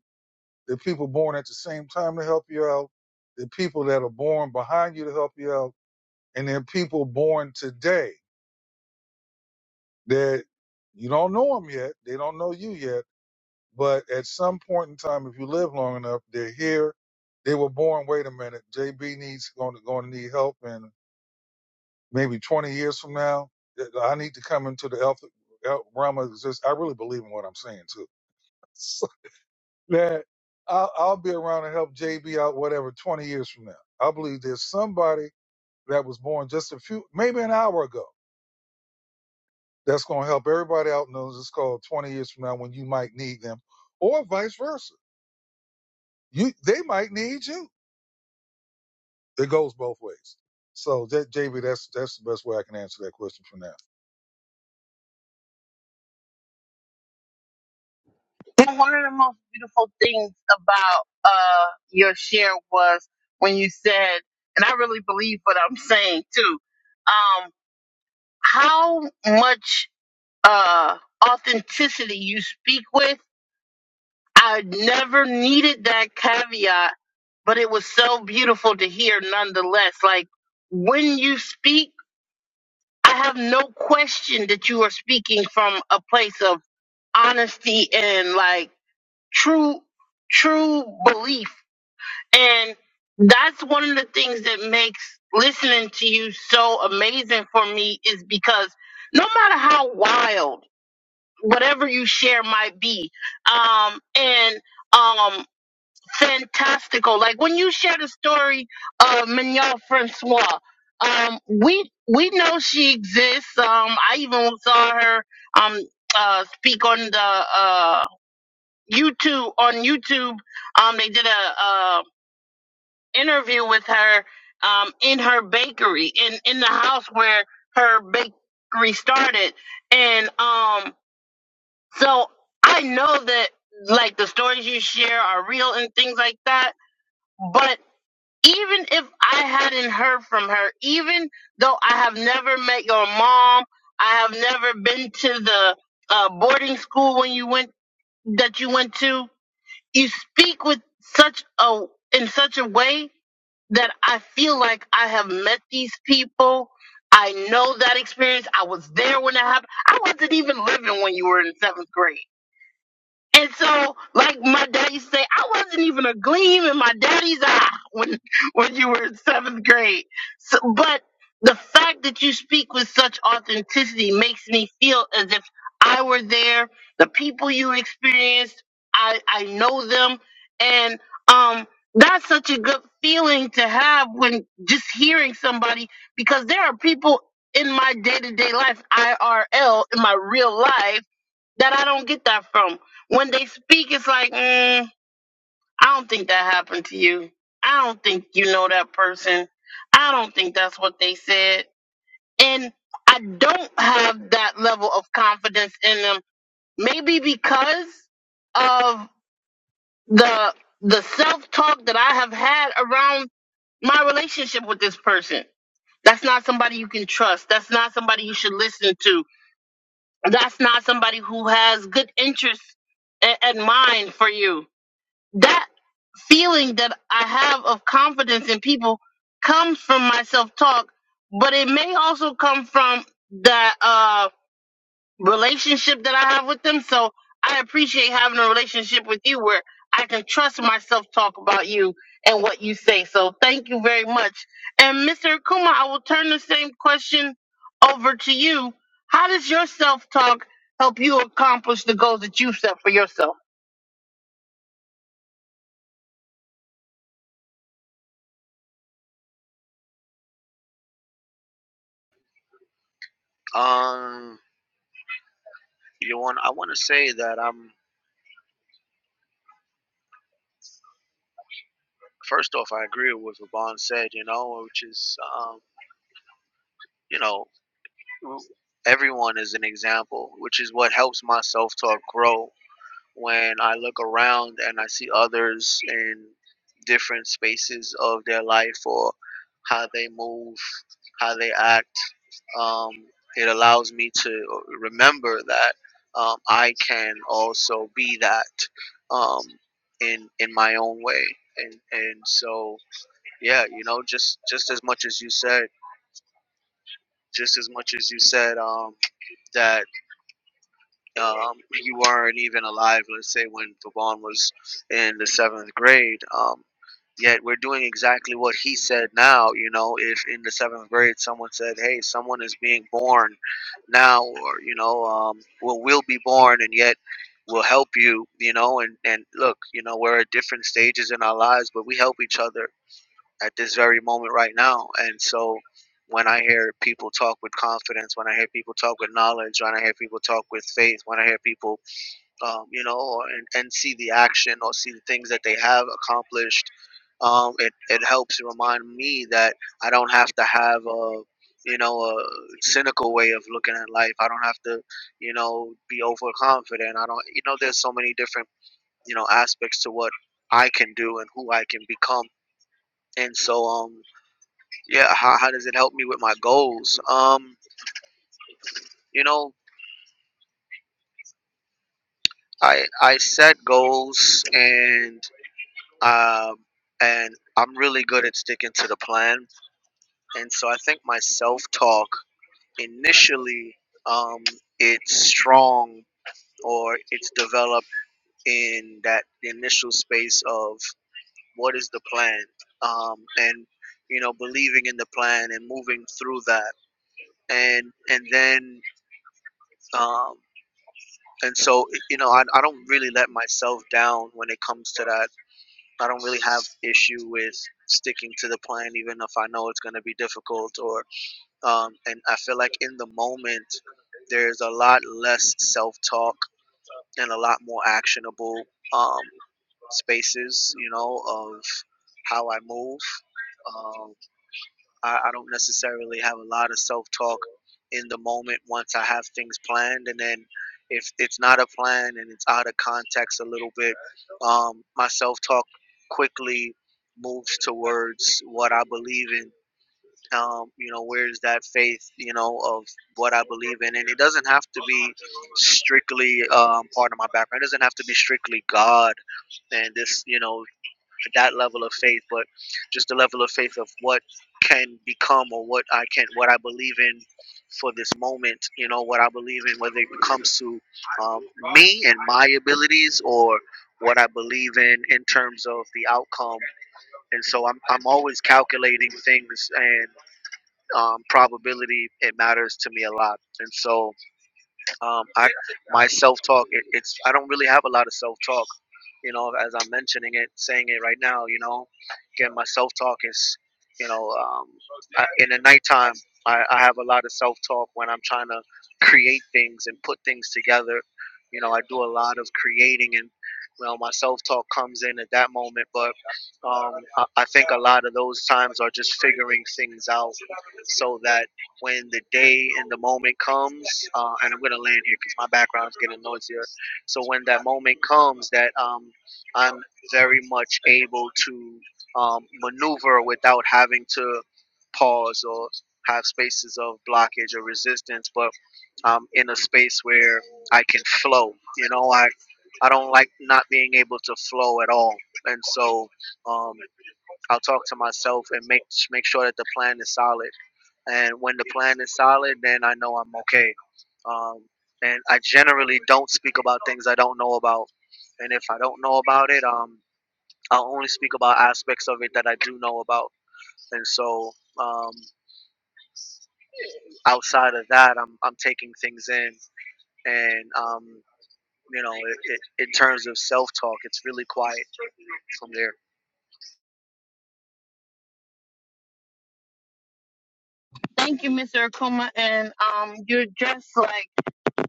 There are people born at the same time to help you out. There are people that are born behind you to help you out. And there are people born today that you don't know them yet. They don't know you yet But at some point in time, if you live long enough, they're here. They were born. Wait a minute, JB needs going to going to need help, and maybe 20 years from now, th- I need to come into the health health realm of existence. I really believe in what I'm saying too. [laughs] So that I'll, I'll be around and help JB out, whatever. 20 years from now, I believe there's somebody that was born just a few, maybe an hour ago, that's going to help everybody out. And it's called 20 years from now when you might need them, or vice versa. You they might need you It goes both ways. So that JB, that's that's the best way I can answer that question for now.
And one of the most beautiful things about uh your share was when you said, and I really believe what I'm [laughs] saying too, um, how much uh authenticity you speak with. I never needed that caveat, but it was so beautiful to hear nonetheless. Like when you speak, I have no question that you are speaking from a place of honesty and like true true belief And that's one of the things that makes listening to you so amazing for me is because no matter how wild whatever you share might be, um, and um, fantastical. Like when you share the story of Mignon Francois, um, we we know she exists. Um, I even saw her um uh speak on the uh YouTube on YouTube. Um, they did a interview with her um, in her bakery in in the house where her bakery started and um so i know that like the stories you share are real and things like that but even if i hadn't heard from her even though i have never met your mom i have never been to the uh, boarding school when you went that you went to you speak with such a in such a way that I feel like I have met these people. I know that experience. I was there when that happened. I wasn't even living when you were in seventh grade. And so, like my dad used to say, I wasn't even a gleam in my daddy's eye when [laughs] when you were in seventh grade. So, but the fact that you speak with such authenticity makes me feel as if I were there. The people you experienced, I I know them, and um, that's such a good feeling to have when just hearing somebody because there are people in my day to day life, IRL, in my real life that I don't get that from. When they speak, it's like, mm, I don't think that happened to you. I don't think you know that person. I don't think that's what they said. And I don't have that level of confidence in them. Maybe because of the the self talk that I have had around my relationship with this person. That's not somebody you can trust. That's not somebody you should listen to. That's not somebody who has good interests a- and mind for you that feeling that I have of confidence in people comes from my self talk, but it may also come from the uh, relationship that I have with them. So I appreciate having a relationship with you where I can trust my self talk about you and what you say. So thank you very much. And Mr. Kuma, I will turn the same question over to you. How does your self talk help you accomplish the goals that you set for yourself?
Um, you want I want to say that I'm first off I agree with what Vaughn said, you know, which is um, you know everyone is an example, which is what helps my self talk grow when I look around and I see others in different spaces of their life or how they move, how they act um, it allows me to remember that um, I can also be that um, in in my own way. And and so yeah, you know, just just as much as you said, just as much as you said um, that um, you weren't even alive, let's say, when Vaughn was in the seventh grade. Um, yet we're doing exactly what he said now. You know, if in the seventh grade someone said, hey, someone is being born now, or, you know, um, well, will be born, and yet we'll help you, you know, and, and look, you know, we're at different stages in our lives, but we help each other at this very moment right now. And so when I hear people talk with confidence, when I hear people talk with knowledge, when I hear people talk with faith, when I hear people, um, you know, or, and, and see the action or see the things that they have accomplished, um, it, it helps remind me that I don't have to have a, you know, a cynical way of looking at life. I don't have to, you know, be overconfident. I don't, you know, there's so many different, you know, aspects to what I can do and who I can become. And so, um, yeah how, how does it help me with my goals um you know i i set goals and um and i'm really good at sticking to the plan and so i think my self talk initially um it's strong or it's developed in that initial space of what is the plan um and you know believing in the plan and moving through that and and then um and so you know I, I don't really let myself down when it comes to that i don't really have issue with sticking to the plan even if i know it's going to be difficult or um, and i feel like in the moment there's a lot less self-talk and a lot more actionable um, spaces you know of how i move Um, I, I don't necessarily have a lot of self talk in the moment once I have things planned. And then if it's not a plan and it's out of context a little bit, um, my self talk quickly moves towards what I believe in. Um, you know, where's that faith, you know, of what I believe in? And it doesn't have to be strictly um, part of my background. It doesn't have to be strictly God and this, you know, that level of faith, but just the level of faith of what can become or what I can, what I believe in for this moment, you know, what I believe in, whether it comes to um, me and my abilities or what I believe in in terms of the outcome. And so I'm, I'm always calculating things and um, probability. It matters to me a lot. And so um, I, my self-talk, it, it's, I don't really have a lot of self-talk you know, as I'm mentioning it, saying it right now, you know, again, my self talk is, you know, um, I, in the nighttime, I, I have a lot of self talk when I'm trying to create things and put things together. You know, I do a lot of creating and, you know, my self talk comes in at that moment. But um, I, I think a lot of those times are just figuring things out so that when the day and the moment comes, uh, and I'm going to land here because my background's getting noisier. So when that moment comes, that um, I'm very much able to um, maneuver without having to pause or have spaces of blockage or resistance, but I'm in a space where I can flow. You know, I I don't like not being able to flow at all, and so um, I'll talk to myself and make make sure that the plan is solid. And when the plan is solid, then I know I'm okay. Um, and I generally don't speak about things I don't know about. And if I don't know about it, um, I'll only speak about aspects of it that I do know about, and so um, outside of that, I'm I'm taking things in, and um, you know, it, it, in terms of self talk, it's really quiet from there.
Thank you, Mr. Akuma. And um, you're just like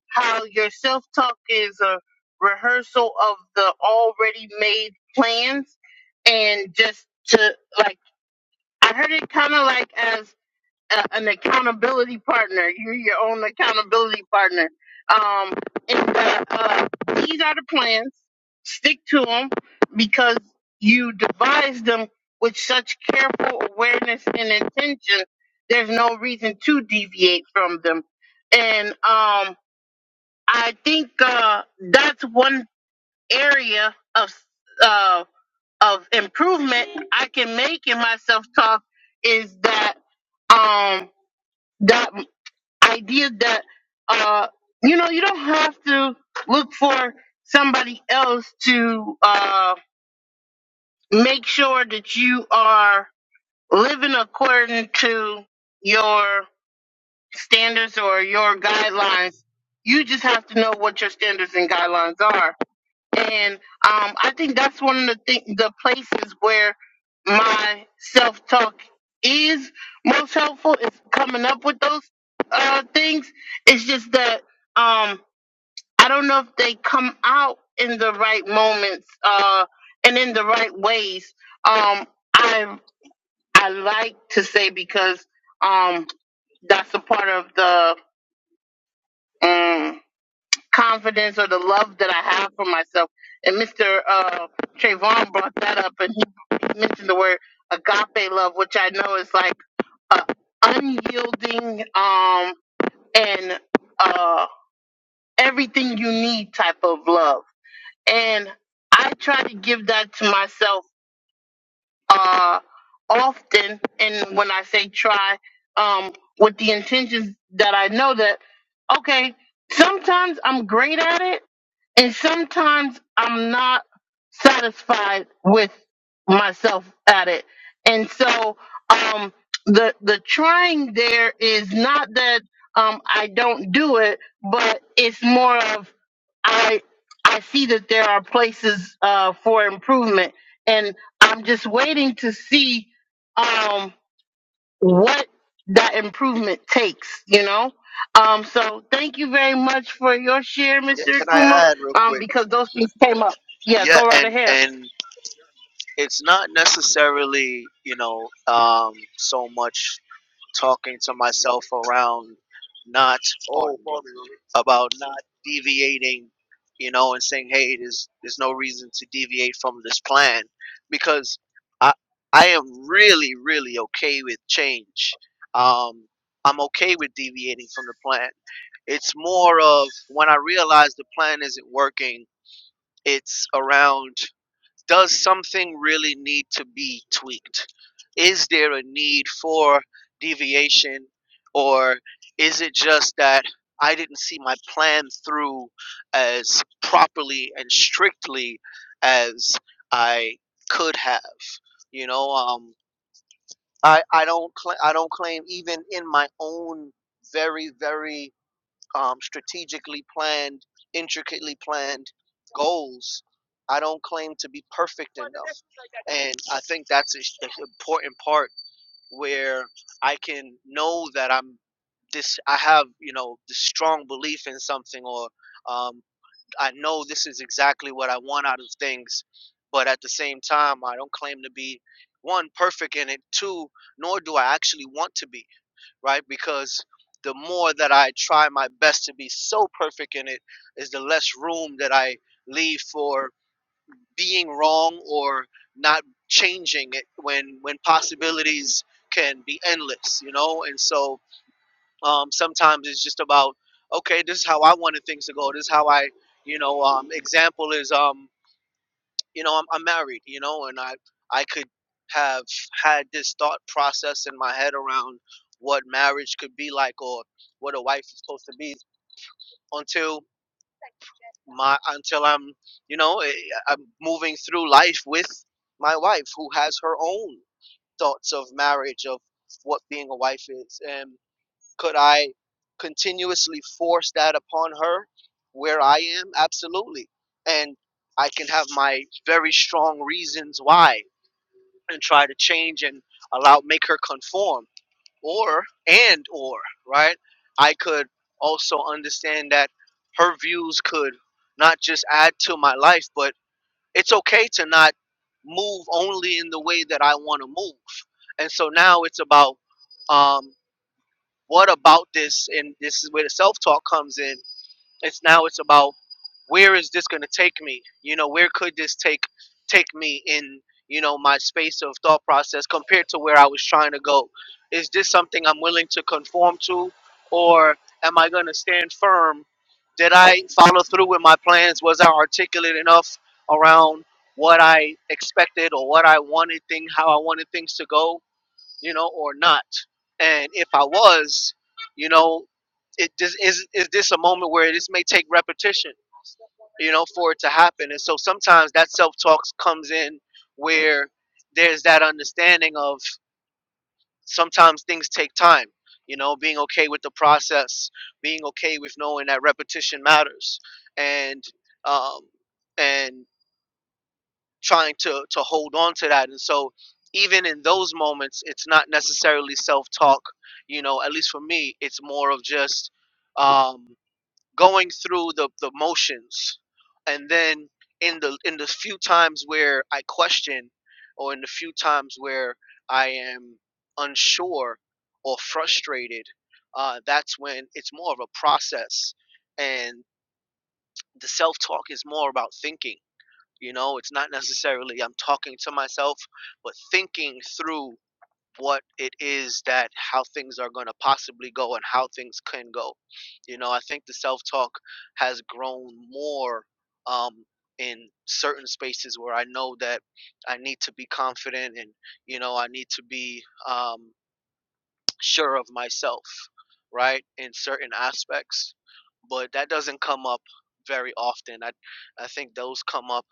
how your self talk is a rehearsal of the already made plans, and just to like, I heard it kind of like as a, an accountability partner. You're your own accountability partner. Um, and uh, uh, these are the plans. Stick to them because you devised them with such careful awareness and intention. There's no reason to deviate from them. And um, I think uh, that's one area of uh, of improvement I can make in my self talk is that um, that idea that uh you know you don't have to look for somebody else to uh make sure that you are living according to your standards or your guidelines you just have to know what your standards and guidelines are and um, I think that's one of the th- the places where my self talk is most helpful is coming up with those uh, things. It's just that um, I don't know if they come out in the right moments uh, and in the right ways. Um, I I like to say because um, that's a part of the. um, confidence or the love that I have for myself. And Mr. Uh, Trayvon brought that up, and he mentioned the word agape love, which I know is like uh, unyielding um, and uh, everything you need type of love. And I try to give that to myself uh, often, and when I say try, um, with the intentions that I know that, okay, sometimes I'm great at it, and sometimes I'm not satisfied with myself at it. And so, um, the the trying there is not that um, I don't do it, but it's more of I I see that there are places uh, for improvement and. I'm just waiting to see um, what that improvement takes, you know? Um, so thank you very much for your share,
Yeah,
Mr.
can I
Akuma,
add real
um,
quick?
because those things came up. Yeah,
Yeah,
go right
and
ahead.
and it's not necessarily you know um, so much talking to myself around not oh about not deviating, you know, and saying, hey, there's there's no reason to deviate from this plan, because I I am really really okay with change. Um, I'm okay with deviating from the plan. It's more of when I realize the plan isn't working. It's around does something really need to be tweaked? Is there a need for deviation, or is it just that I didn't see my plan through as properly and strictly as I could have? You know, um, I I don't cla I don't claim even in my own very very um, strategically planned, intricately planned goals. I don't claim to be perfect in them. and I think that's an important part where I can know that I'm this. I have you know this strong belief in something, or um, I know this is exactly what I want out of things. But at the same time, I don't claim to be one perfect in it. Two, nor do I actually want to be right because the more that I try my best to be so perfect in it, is the less room that I leave for being wrong or not changing it when when possibilities can be endless you know and so um, sometimes it's just about okay this is how i wanted things to go this is how i you know um, example is um you know I'm, I'm married you know and i i could have had this thought process in my head around what marriage could be like or what a wife is supposed to be until my until I'm, you know, eh, I'm moving through life with my wife who has her own thoughts of marriage of what being a wife is and could I continuously force that upon her where I am absolutely and I can have my very strong reasons why and try to change and allow make her conform or and or right i could also understand that her views could not just add to my life but it's okay to not move only in the way that i want to move and so now it's about um what about this and this is where the self-talk comes in it's now it's about where is this going to take me? You know, where could this take take me in, you know, my space of thought process compared to where I was trying to go? Is this something I'm willing to conform to or am I going to stand firm? Did I follow through with my plans? Was I articulate enough around what I expected or what I wanted thing how I wanted things to go? you know, or not? And if I was, you know, it just is is this a moment where this may take repetition, you know, for it to happen. And so sometimes that self talk comes in where there's that understanding of sometimes things take time, you know, being okay with the process, being okay with knowing that repetition matters. And um and trying to to hold on to that and so even in those moments it's not necessarily self-talk you know at least for me it's more of just um going through the the motions and then in the in the few times where i question or in the few times where i am unsure or frustrated uh that's when it's more of a process and the self-talk is more about thinking you know, it's not necessarily I'm talking to myself, but thinking through what it is that how things are going to possibly go and how things can go. You know, I think the self talk has grown more um, in certain spaces where I know that I need to be confident and, you know, I need to be um, sure of myself, right, in certain aspects. But that doesn't come up very often. I, I think those come up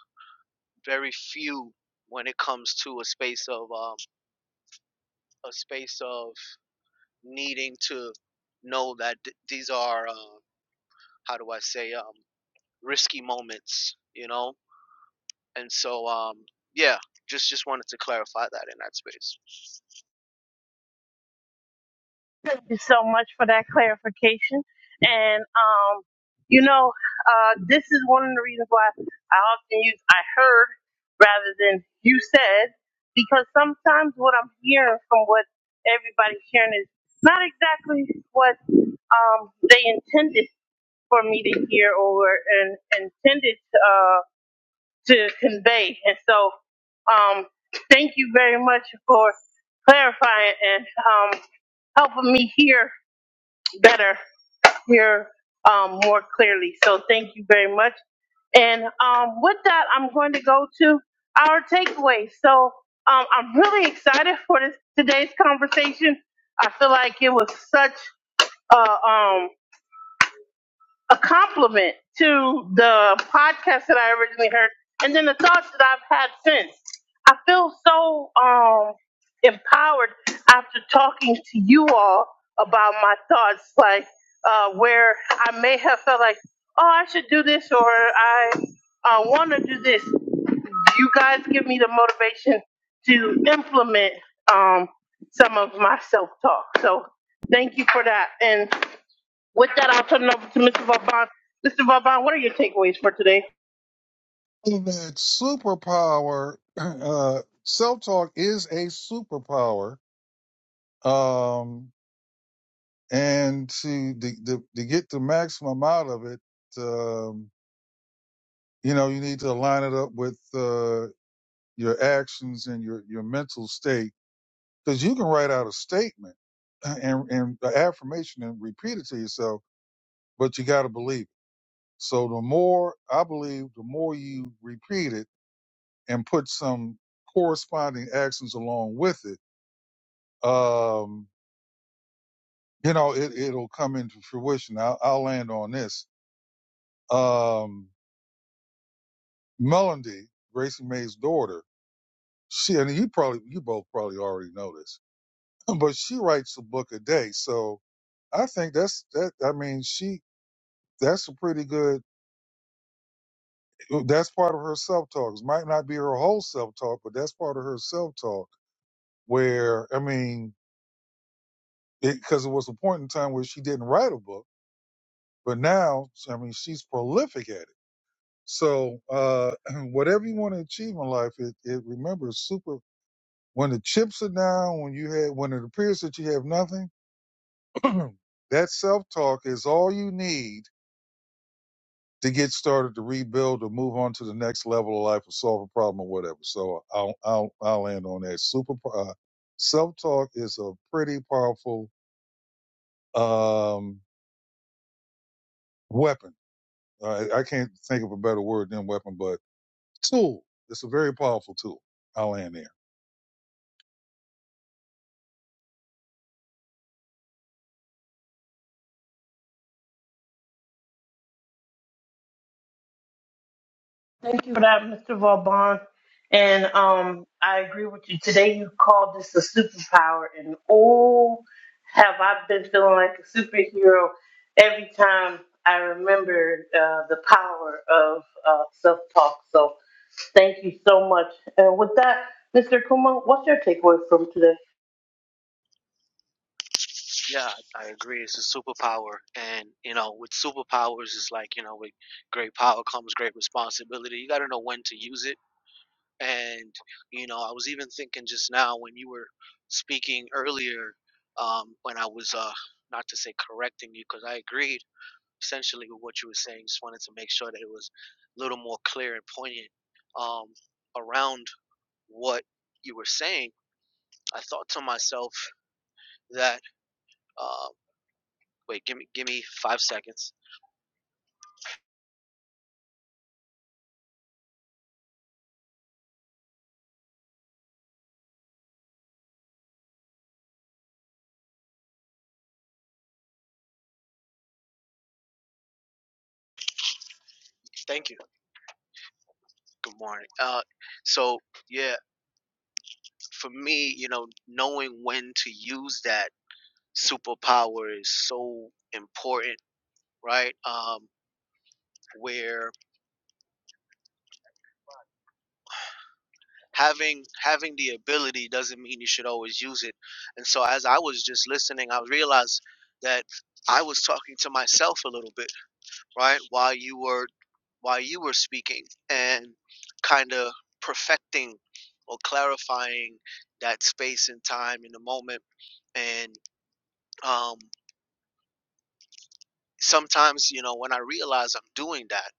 very few when it comes to a space of um, a space of needing to know that th- these are uh, how do I say um, risky moments, you know. And so um, yeah, just just wanted to clarify that in that space.
And so this is one of the reasons why I often use I heard rather than you said, because sometimes what I'm hearing from what everybody's hearing is not exactly what um, they intended for me to hear or and intended. convey. And so, um, thank you very much for clar- help her hear um, more clearly. So, thank you very much. And um, with that, I'm going to go to our takeaway. So, um, I'm really excited for this today's conversation. I feel like it was such a um, a compliment to the podcast that I originally heard, and then the thoughts that I've had since. I feel so um, empowered after talking to you all about my thoughts, like uh, where I may have felt like, oh, I should do this or I uh, want to do this. You guys give me the motivation to implement um, some of my self talk. So thank you for that. and. With that, I'll turn it over to Mr. Vauban. Mr. Vauban, what are your takeaways for today?
That superpower, [clears throat] uh, self talk is a superpower. Um, and to to, to to get the maximum out of it, um, you know, you need to align it up with uh, your actions and your your mental state because you can write out a statement uh, and and an affirmation and repeat it to yourself, but you got to believe. it. So the more I believe, the more you repeat it and put some corresponding actions along with it, um, you know, it, it'll come into fruition. I'll, I'll land on this. Um, Melody, Gracie May's daughter, she and you probably you both probably already know this, [laughs] but she writes a book a day. So I think that's that. I mean, she that's a pretty good. That's part of her self talk. It might not be her whole self talk, but that's part of her self talk where I mean, because it, 'cause it was a point in time where she didn't write a book, but now so, I mean she's prolific at it. So uh, [clears throat] whatever you want to achieve in life, it, it remember it's super when the chips are down, when you have when it appears that you have nothing, [clears throat] that self talk is all you need to get started to rebuild or move on to the next level of life or solve a problem or whatever. So I'll I'll I'll end on that. Super uh, self talk is a pretty powerful um, weapon Uh, I I can't think of a better word than weapon, but tool. It's a very powerful tool. I'll end there.
Thank you for that, Mr. Vauban. And um, I agree with you. Today, you called this a superpower, and oh, have I been feeling like a superhero every time I remember uh, the power of uh, self-talk. So, thank you so much. And with that, Mr. Kuma, what's your takeaway from today?
Yeah, I agree. It's a superpower, and you know, with superpowers, it's like you know, with great power comes great responsibility. You got to know when to use it And, you know, I was even thinking just now when you were speaking earlier, um, when I was, uh, not to say correcting you, because I agreed essentially with what you were saying, just wanted to make sure that it was a little more clear and poignant um, around what you were saying. I thought to myself that, uh, wait, give me, give me five seconds. Thank you. Good morning. Uh, so yeah, for me, you know, knowing when to use that superpower is so important, right? Um, where having having the ability doesn't mean you should always use it. And so as I was just listening, I realized that I was talking to myself a little bit, right? While you were while you were speaking and kind of perfecting or clarifying that space and time in the moment and um sometimes you know when i realize i'm doing that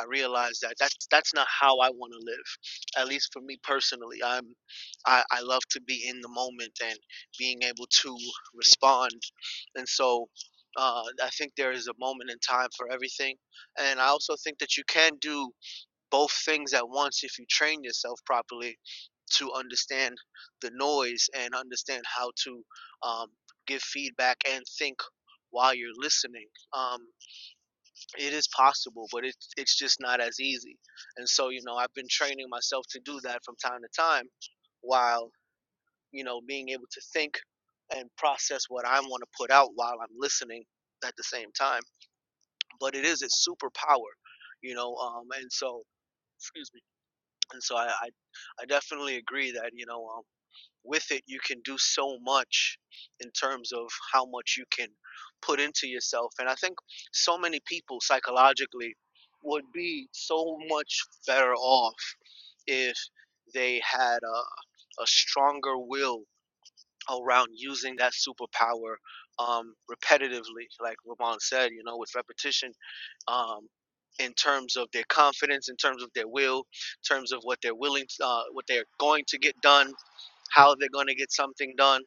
i realize that that's that's not how i want to live at least for me personally i'm I, I love to be in the moment and being able to respond and so uh, i think there is a moment in time for everything and i also think that you can do both things at once if you train yourself properly to understand the noise and understand how to um, give feedback and think while you're listening um, it is possible, but it's it's just not as easy. And so, you know, I've been training myself to do that from time to time while, you know, being able to think and process what I want to put out while I'm listening at the same time. But it is its superpower, you know, um and so excuse me. And so I, I I definitely agree that, you know, um, with it you can do so much in terms of how much you can put into yourself and i think so many people psychologically would be so much better off if they had a, a stronger will around using that superpower um, repetitively like ramon said you know with repetition um, in terms of their confidence, in terms of their will, in terms of what they're willing, to, uh, what they're going to get done, how they're going to get something done.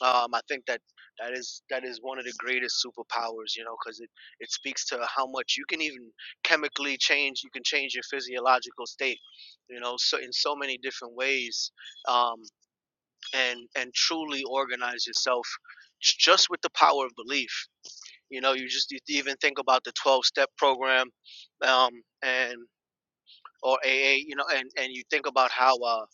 Um, I think that that is that is one of the greatest superpowers, you know, because it it speaks to how much you can even chemically change. You can change your physiological state, you know, so in so many different ways, um, and and truly organize yourself j- just with the power of belief. You know, you just you even think about the 12 step program um, and or AA, you know, and, and you think about how, uh,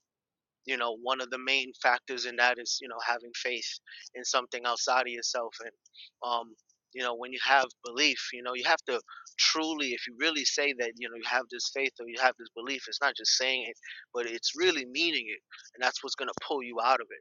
you know, one of the main factors in that is, you know, having faith in something outside of yourself. And, um, you know, when you have belief, you know, you have to truly, if you really say that, you know, you have this faith or you have this belief, it's not just saying it, but it's really meaning it. And that's what's going to pull you out of it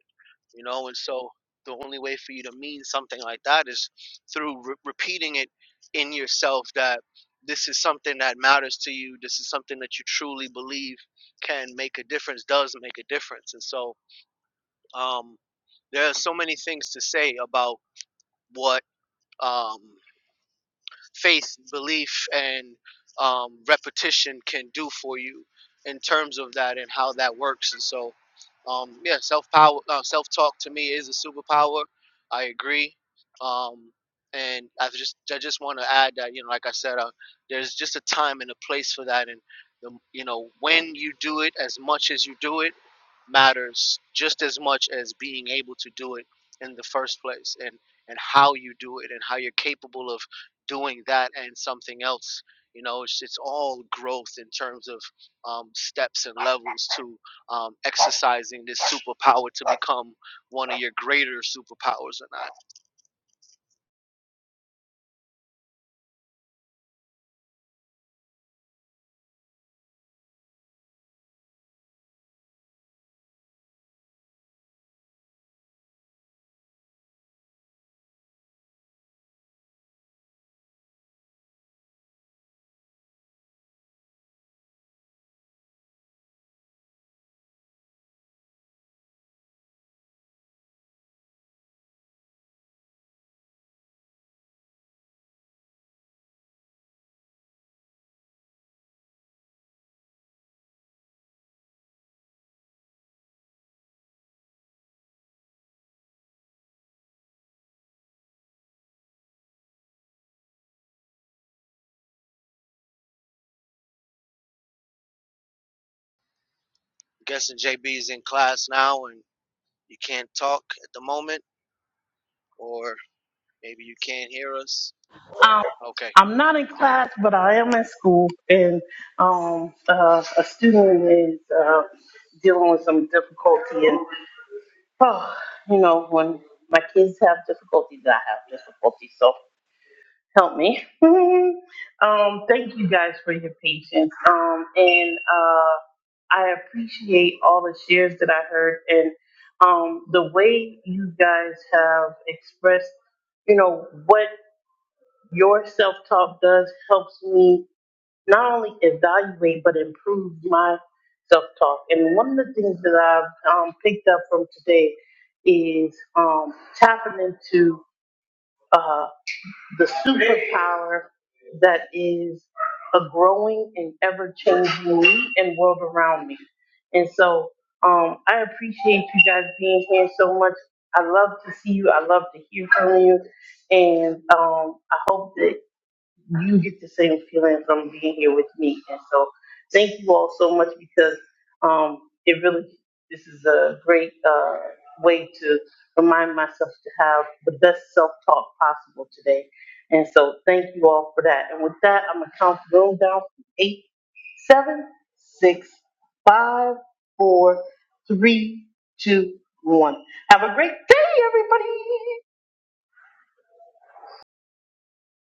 you know and so the only way for you to mean something like that is through re- repeating it in yourself that this is something that matters to you this is something that you truly believe can make a difference does make a difference and so um, there are so many things to say about what um, faith, belief, and um, repetition can do for you in terms of that and how that works. And so, um, yeah, self power, uh, self talk to me is a superpower. I agree. Um, and I just I just want to add that you know, like I said, uh, there's just a time and a place for that, and the, you know when you do it as much as you do it matters just as much as being able to do it in the first place, and and how you do it and how you're capable of doing that and something else. You know, it's, it's all growth in terms of um, steps and levels to um, exercising this superpower to become one of your greater superpowers or not. I'm guessing JB is in class now and you can't talk at the moment, or maybe you can't hear us. Okay.
I'm not in class, but I am in school, and um, uh, a student is uh, dealing with some difficulty. And oh, you know, when my kids have difficulties, I have difficulties. So help me. [laughs] um, thank you guys for your patience, um, and uh, I appreciate all the shares that I heard, and um, the way you guys have expressed, you know, what your self talk does helps me not only evaluate but improve my self talk. And one of the things that I've um, picked up from today is um, tapping into uh, the superpower that is a growing and ever changing me and world around me. And so um, I appreciate you guys being here so much. I love to see you. I love to hear from you. And um, I hope that you get the same feeling from being here with me. And so thank you all so much because um, it really, this is a great uh, way to remind myself to have the best self-talk possible today. And so thank you all for that. And with that, I'm going to count the room down from eight, seven, six, five, four, three, two, one. Have a great day, everybody.